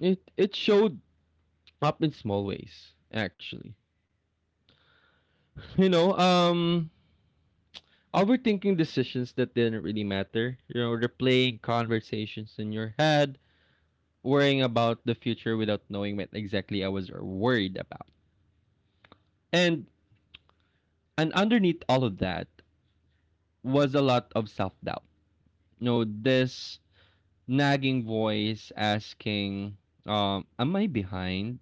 Speaker 2: it showed up in small ways, actually. You know, um, Overthinking decisions that didn't really matter, replaying conversations in your head, worrying about the future without knowing what exactly I was worried about. And and underneath all of that was a lot of self doubt. This nagging voice asking, am I behind?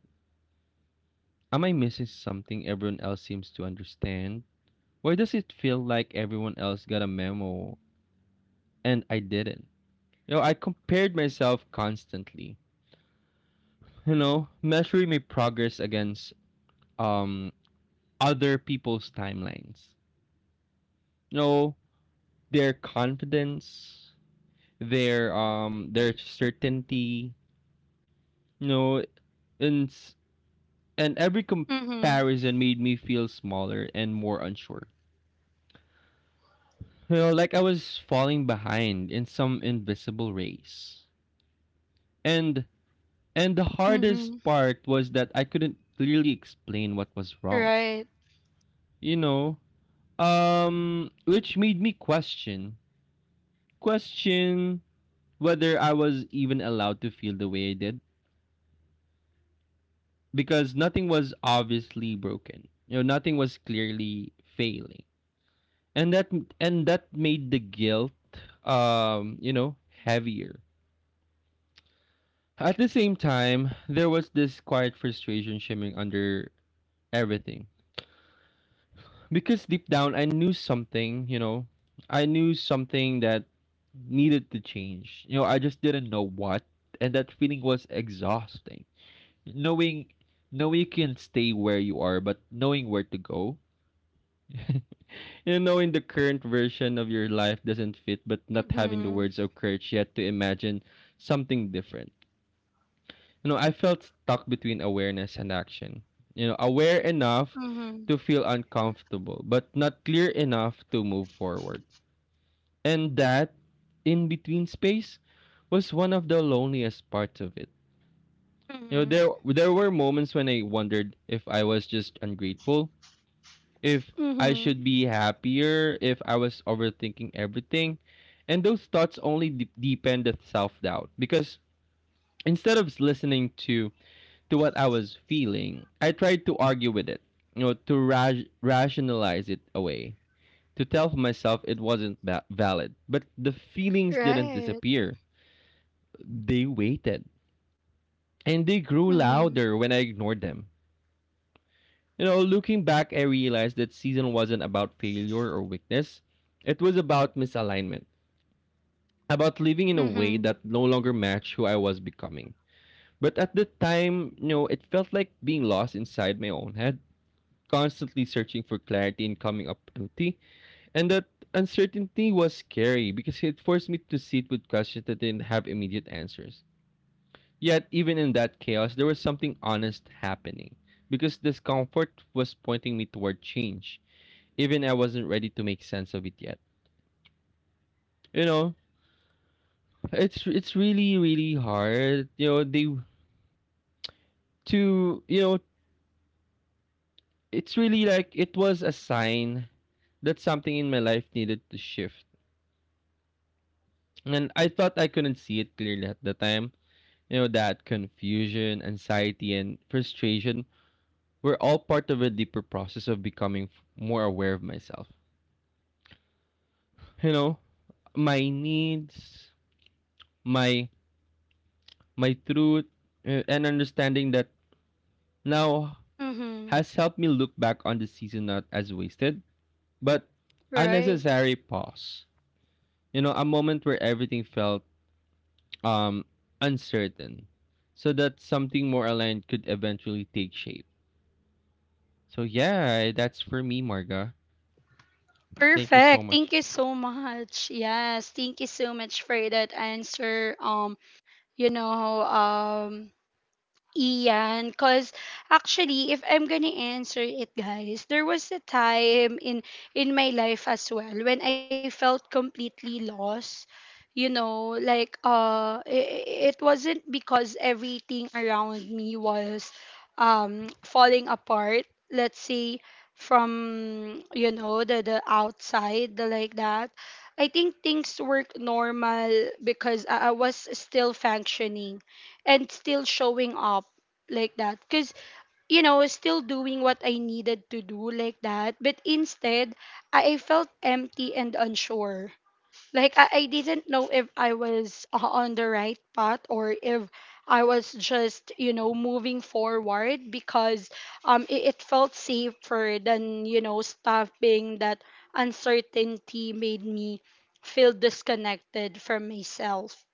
Speaker 2: Am I missing something everyone else seems to understand? Why does it feel like everyone else got a memo and I didn't? You know, I compared myself constantly. You know, measuring my progress against um other people's timelines. You know, their confidence, their certainty, you know, and and every
Speaker 1: Mm-hmm.
Speaker 2: comparison made me feel smaller and more unsure. You know, like I was falling behind in some invisible race. And and the
Speaker 1: Mm-hmm.
Speaker 2: hardest part was that I couldn't clearly explain what was wrong.
Speaker 1: Right.
Speaker 2: You know, which made me question whether I was even allowed to feel the way I did because nothing was obviously broken. You know, nothing was clearly failing and that and that made the guilt, um you know heavier. At the same time, there was this quiet frustration shimmering under everything, because deep down I knew something that needed to change. You know, I just didn't know what. And that feeling was exhausting, knowing knowing you can stay where you are but knowing where to go you know, in the current version of your life doesn't fit, but not
Speaker 1: Mm-hmm.
Speaker 2: having the words or courage yet to imagine something different. You know, I felt stuck between awareness and action. You know, aware enough
Speaker 1: Mm-hmm.
Speaker 2: to feel uncomfortable, but not clear enough to move forward. And that in between space was one of the loneliest parts of it. You know,
Speaker 1: Mm-hmm.
Speaker 2: there were moments when I wondered if I was just ungrateful, if I
Speaker 1: Mm-hmm.
Speaker 2: should be happier, if I was overthinking everything. And those thoughts only deepened self doubt because instead of listening to what I was feeling, I tried to argue with it, you know, to rationalize it away, to tell myself it wasn't valid. But the feelings didn't
Speaker 1: Right.
Speaker 2: disappear; they waited, and they grew
Speaker 1: Mm-hmm.
Speaker 2: louder when I ignored them. You know, looking back, I realized that season wasn't about failure or weakness. It was about misalignment, about living in a way
Speaker 1: Mm-hmm.
Speaker 2: that no longer matched who I was becoming. But at the time, you know, it felt like being lost inside my own head, constantly searching for clarity and coming up empty. And that uncertainty was scary because it forced me to sit with questions that didn't have immediate answers. Yet, even in that chaos, there was something honest happening because discomfort was pointing me toward change, even I wasn't ready to make sense of it yet. You know, it's really really hard. You know, they to you know, It's really like it was a sign that something in my life needed to shift. And I thought I couldn't see it clearly at the time. You know, that confusion, anxiety and frustration were all part of a deeper process of becoming more aware of myself. You know, my needs, my my truth, and understanding that now
Speaker 1: Mm-hmm.
Speaker 2: has helped me look back on the season not as wasted, but a
Speaker 1: Right.
Speaker 2: necessary pause. You know, a moment where everything felt, um uncertain, so that something more aligned could eventually take shape. So yeah, that's for me, Marga. Thank you so
Speaker 1: Perfect.
Speaker 2: much.
Speaker 1: Thank you so much. Yes, thank you so much for that answer. You know, um Ian, because actually, if I'm gonna answer it, guys, there was a time in my life as well when I felt completely lost. You know, like it wasn't because everything around me was falling apart. Let's say from, you know, the outside, the, like that. I think things work normal because I was still functioning and still showing up, like that, because, you know, I was still doing what I needed to do, like that. But instead, I felt empty and unsure, like I didn't know if I was, on the right path, or if I was just, you know, moving forward because it, it felt safer than, you know, stopping. That uncertainty made me feel disconnected from myself.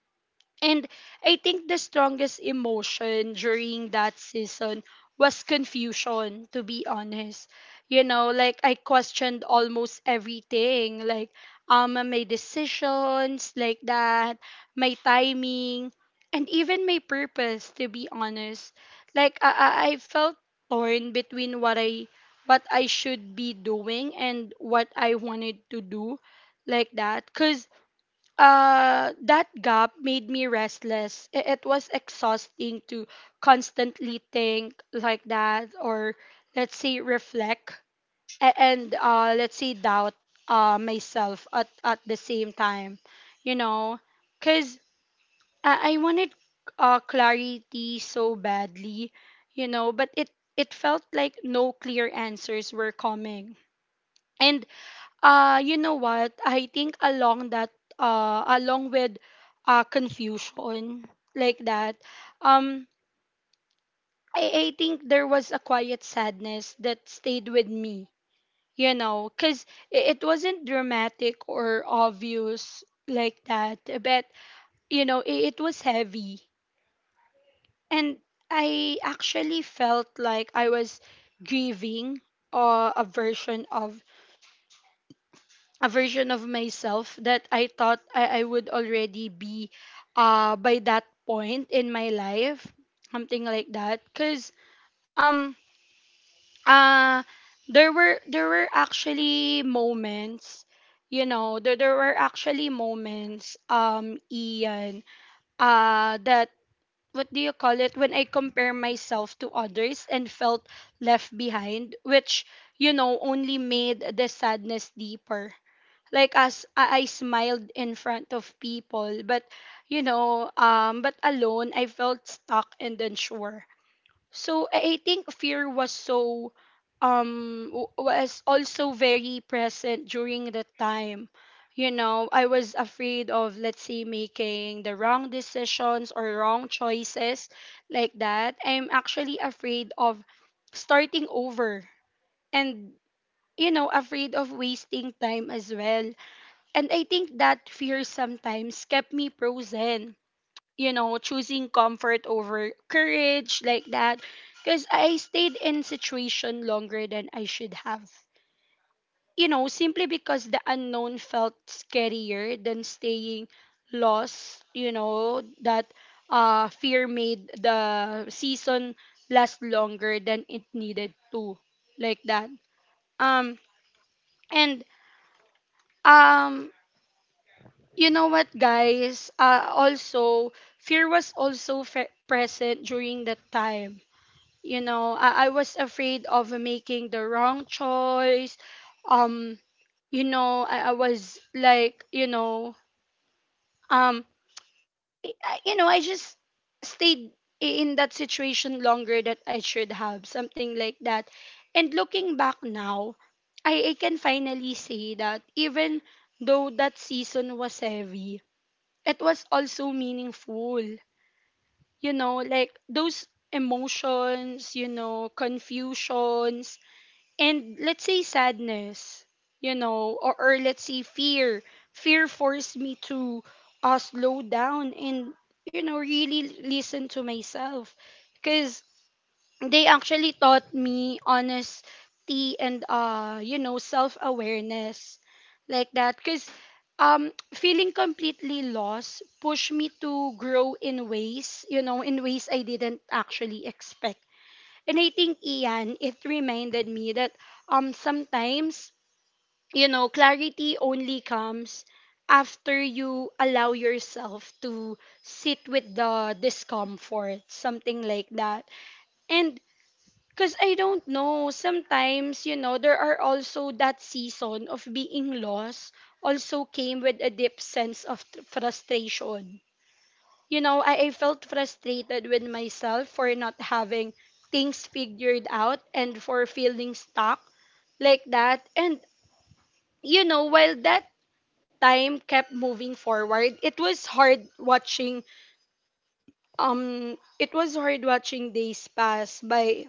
Speaker 1: And I think the strongest emotion during that season was confusion, to be honest. You know, like I questioned almost everything, like my decisions, like that, my timing, and even my purpose, to be honest. Like I felt torn between what I should be doing and what I wanted to do, like that. Cause that gap made me restless. It was exhausting to constantly think like that, or let's say reflect and let's say doubt myself at the same time, you know, because I wanted clarity so badly, you know, but it felt like no clear answers were coming. And you know what? I think along that along with confusion like that, um I think there was a quiet sadness that stayed with me, you know, because it wasn't dramatic or obvious like that, but you know, it was heavy. And I actually felt like I was grieving a version of myself that I thought I would already be by that point in my life, something like that. Cause um uh there were actually moments, you know, there were actually moments Ian that what do you call it when I compare myself to others and felt left behind, which you know only made the sadness deeper like as I smiled in front of people, but you know but alone I felt stuck and unsure. So I think fear was so was also very present during that time. You know, I was afraid of, let's say, making the wrong decisions or wrong choices, like that. I'm actually afraid of starting over, and you know, afraid of wasting time as well. And I think that fear sometimes kept me frozen, you know, choosing comfort over courage, like that. Because I stayed in situation longer than I should have. You know, simply because the unknown felt scarier than staying lost. You know, that fear made the season last longer than it needed to. Like that. Um, and um you know what guys, also fear was also present during that time. You know, I was afraid of making the wrong choice. um you know, I was like, you know, um you know, I just stayed in that situation longer that I should have, something like that. And looking back now, I can finally say that even though that season was heavy, it was also meaningful. You know, like those emotions, you know, confusions, and let's say sadness, you know, or let's say fear. Fear forced me to slow down and, you know, really listen to myself. Because they actually taught me honesty and you know self-awareness like that. Because feeling completely lost pushed me to grow in ways, you know, in ways I didn't actually expect. And I think, Ian, it reminded me that sometimes, you know, clarity only comes after you allow yourself to sit with the discomfort, something like that. And because I don't know, sometimes, you know, there are also that season of being lost also came with a deep sense of frustration. You know, I felt frustrated with myself for not having things figured out and for feeling stuck, like that. And, you know, while that time kept moving forward, it was hard watching, days pass by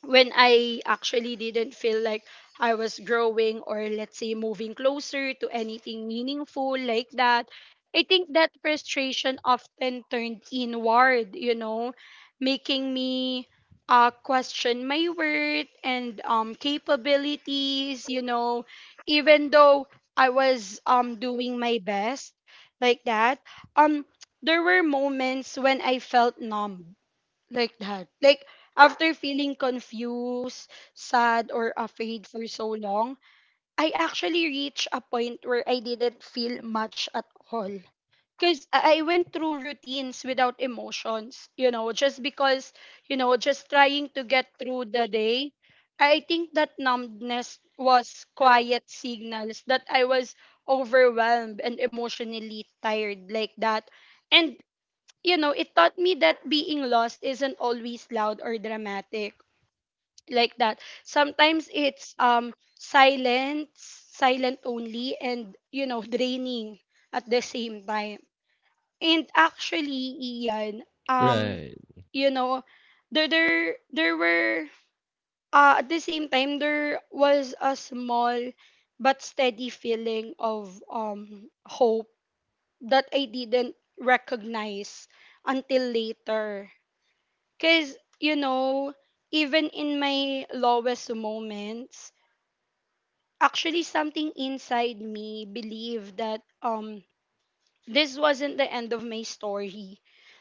Speaker 1: when I actually didn't feel like I was growing or let's say moving closer to anything meaningful, like that. I think that frustration often turned inward, you know, making me question my worth and capabilities, you know, even though I was doing my best, like that. Um, there were moments when I felt numb, like that. Like after feeling confused, sad, or afraid for so long, I actually reached a point where I didn't feel much at all. Because I went through routines without emotions, you know, just because, you know, just trying to get through the day. I think that numbness was quiet signals that I was overwhelmed and emotionally tired, like that. And you know, it taught me that being lost isn't always loud or dramatic, like that. Sometimes it's silent, silent only, and you know, draining at the same time. And actually, Ian, um,
Speaker 2: Right,
Speaker 1: you know, there were at the same time there was a small but steady feeling of hope that I didn't recognize until later. Because, you know, even in my lowest moments, actually something inside me believed that this wasn't the end of my story.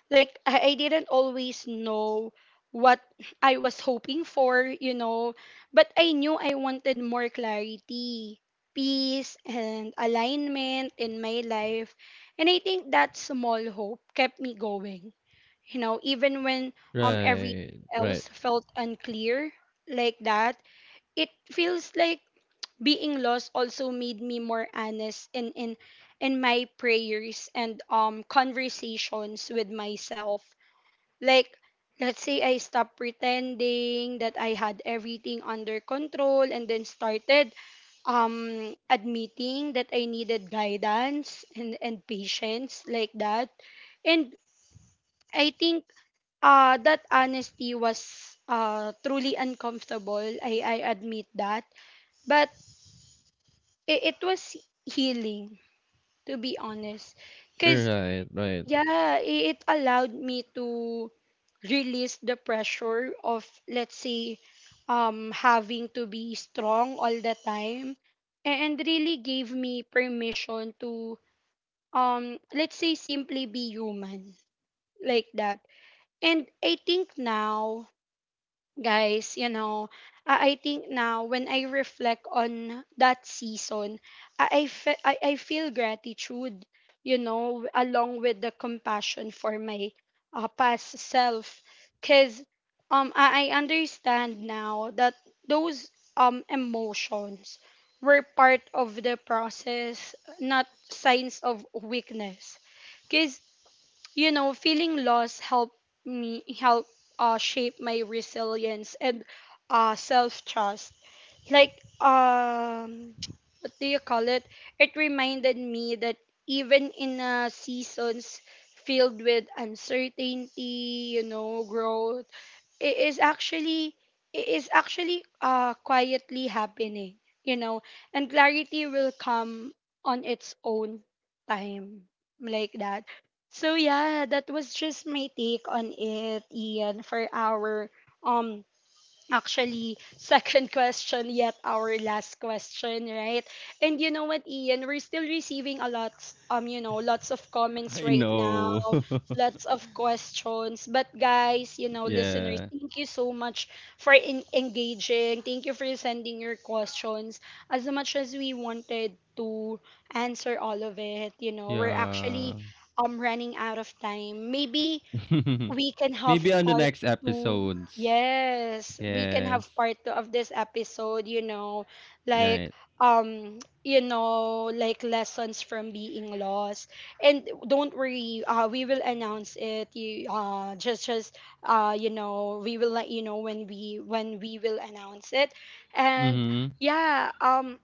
Speaker 1: Like I didn't always know what I was hoping for, you know, but I knew I wanted more clarity, peace and alignment in my life. And I think that small hope kept me going, you know, even when everything
Speaker 2: right, right,
Speaker 1: else felt unclear, like that. It feels like being lost also made me more honest in in my prayers and conversations with myself. Like, let's say I stopped pretending that I had everything under control and then started admitting that I needed guidance and patience, like that. And I think that honesty was truly uncomfortable. I admit that. But it was healing, to be honest. Because,
Speaker 2: right, right.
Speaker 1: yeah, it allowed me to release the pressure of, let's say, having to be strong all the time. And really gave me permission to, let's say, simply be human, like that. And I think now guys, you know, I think now when I reflect on that season, I feel gratitude, you know, along with the compassion for my past self. Because I understand now that those emotions were part of the process, not signs of weakness. Cause you know feeling lost helped me help shape my resilience and self trust like what do you call it, it reminded me that even in seasons filled with uncertainty, you know, growth, it is actually it is actually quietly happening, you know, and clarity will come on its own time, like that. So yeah, that was just my take on it, Ian, for our um actually second question, yet our last question, right? And you know what, Ian, we're still receiving a lot, you know, lots of comments
Speaker 2: I
Speaker 1: right now,
Speaker 2: know.
Speaker 1: lots of questions. But guys, you know, listeners,
Speaker 2: Yeah.
Speaker 1: thank you so much for engaging, thank you for sending your questions. As much as we wanted to answer all of it, you know, we're actually
Speaker 2: Yeah.
Speaker 1: running out of time. Maybe we can have
Speaker 2: Maybe on the
Speaker 1: part
Speaker 2: next
Speaker 1: two.
Speaker 2: episodes.
Speaker 1: Yes, we can have
Speaker 2: Yes.
Speaker 1: part 2 of this episode, like
Speaker 2: Right.
Speaker 1: you know, like lessons from being lost. And don't worry, we will announce it. You just you know, we will let you know when we will announce it. And
Speaker 2: Mm-hmm.
Speaker 1: yeah,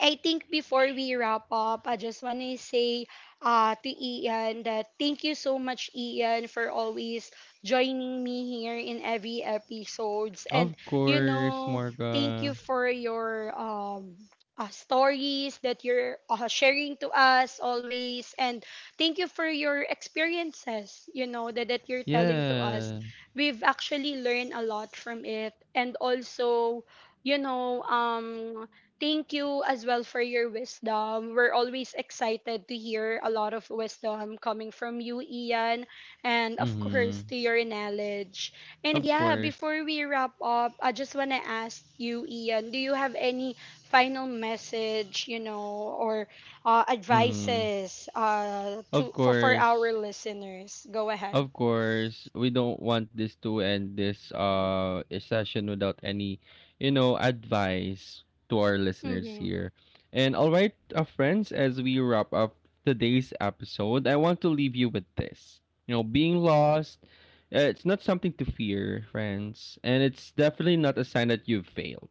Speaker 1: I think before we wrap up, I just want to say to Ian that thank you so much, Ian, for always joining me here in every episodes. And,
Speaker 2: Of
Speaker 1: you
Speaker 2: course,
Speaker 1: know, thank you
Speaker 2: Morga.
Speaker 1: for your stories that you're sharing to us always. And thank you for your experiences, you know, that, that you're telling to us.
Speaker 2: Yeah.
Speaker 1: We've actually learned a lot from it. And also, you know, thank you as well for your wisdom. We're always excited to hear a lot of wisdom coming from you, Ian, and of course
Speaker 2: Mhm.
Speaker 1: to your knowledge. And
Speaker 2: Of
Speaker 1: yeah,
Speaker 2: course.
Speaker 1: before we wrap up, I just want to ask you, Ian, do you have any final message, you know, or
Speaker 2: Mhm.
Speaker 1: advices
Speaker 2: Of
Speaker 1: to for
Speaker 2: course.
Speaker 1: our listeners? Go ahead.
Speaker 2: Of course. We don't want this to end this session without any, you know, advice to our
Speaker 1: Mm-hmm.
Speaker 2: listeners here. And all right, friends, as we wrap up today's episode, I want to leave you with this. You know, being lost, it's not something to fear, friends, and it's definitely not a sign that you've failed.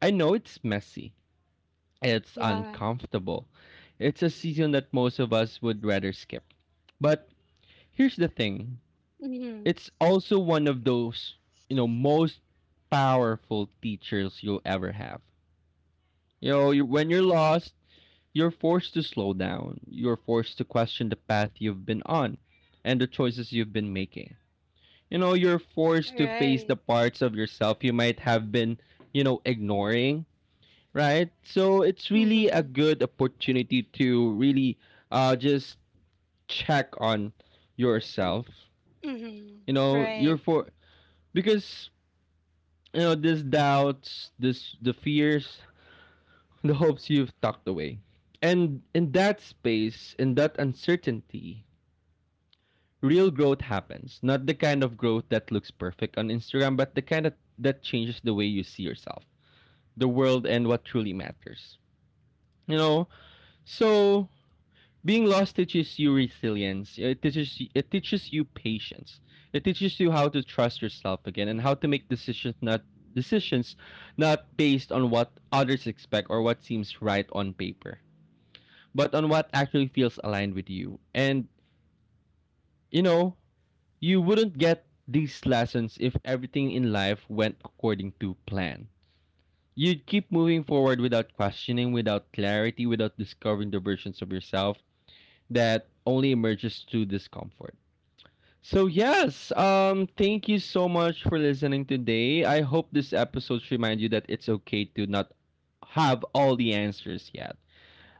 Speaker 2: I know it's messy.
Speaker 1: Yeah.
Speaker 2: It's uncomfortable. It's a season that most of us would rather skip. But here's the thing,
Speaker 1: Mm-hmm.
Speaker 2: it's also one of those, you know, most powerful teachers you'll ever have. You know, when you're lost, you're forced to slow down, you're forced to question the path you've been on and the choices you've been making. You know, you're forced to
Speaker 1: Right.
Speaker 2: face the parts of yourself you might have been, you know, ignoring, right? So it's
Speaker 1: Mm-hmm.
Speaker 2: really a good opportunity to really just check on yourself.
Speaker 1: Mm-hmm.
Speaker 2: You
Speaker 1: Right.
Speaker 2: know, you're for because you know this doubts, this the fears, the hopes you've tucked away. And in that space, in that uncertainty, real growth happens. Not the kind of growth that looks perfect on Instagram, but the kind of that changes the way you see yourself, the world and what truly matters. You know? So being lost teaches you resilience, it teaches you patience, it teaches you how to trust yourself again and how to make decisions not based on what others expect or what seems right on paper, but on what actually feels aligned with you. And you know, you wouldn't get these lessons if everything in life went according to plan. You'd keep moving forward without questioning, without clarity, without discovering the versions of yourself that only emerges through discomfort. So yes, thank you so much for listening today. I hope this episode reminds you that it's okay to not have all the answers yet.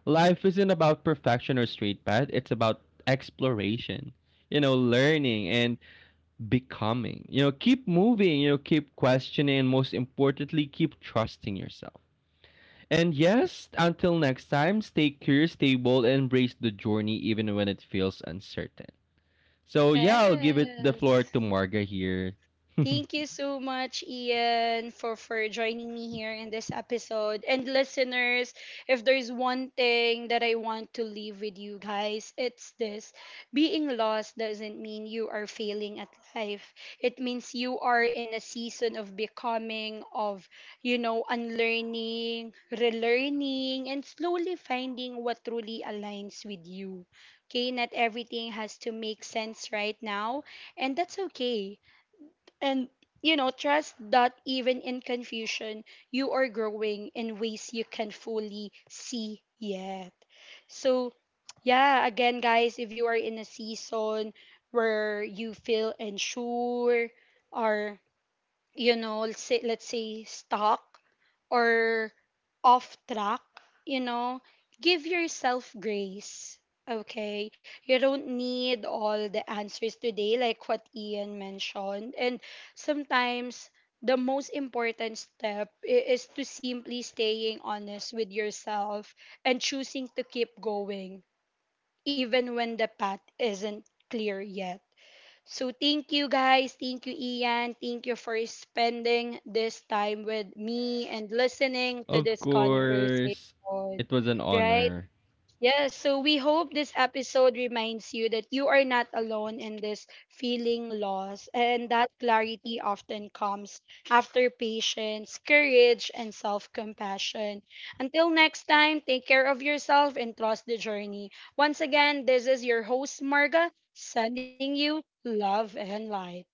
Speaker 2: Life isn't about perfection or straight path, it's about exploration. You know, learning and becoming. You know, keep moving, you know, keep questioning and most importantly, keep trusting yourself. And yes, until next time, stay curious, stay bold, and embrace the journey even when it feels uncertain. So yeah, I'll give it the floor
Speaker 1: Yes.
Speaker 2: to Marga here.
Speaker 1: Thank you so much, Ian, for joining me here in this episode. And listeners, if there's one thing that I want to leave with you guys, it's this: being lost doesn't mean you are failing at life, it means you are in a season of becoming, of, you know, unlearning, relearning, and slowly finding what truly aligns with you. Okay, not everything has to make sense right now, and that's okay. And you know, trust that even in confusion you are growing in ways you can fully see yet. So yeah, again guys, if you are in a season where you feel unsure or you know, let's say, stuck or off track, you know, give yourself grace. Okay, you don't need all the answers today, like what Ian mentioned. And sometimes the most important step is to simply staying honest with yourself and choosing to keep going, even when the path isn't clear yet. So thank you guys, thank you Ian, thank you for spending this time with me and listening to
Speaker 2: Of
Speaker 1: this conversation.
Speaker 2: course, it was an
Speaker 1: Right?
Speaker 2: honor.
Speaker 1: Yes, so we hope this episode reminds you that you are not alone in this feeling loss and that clarity often comes after patience, courage, and self compassion. Until next time, take care of yourself and trust the journey. Once again, this is your host, Marga, sending you love and light.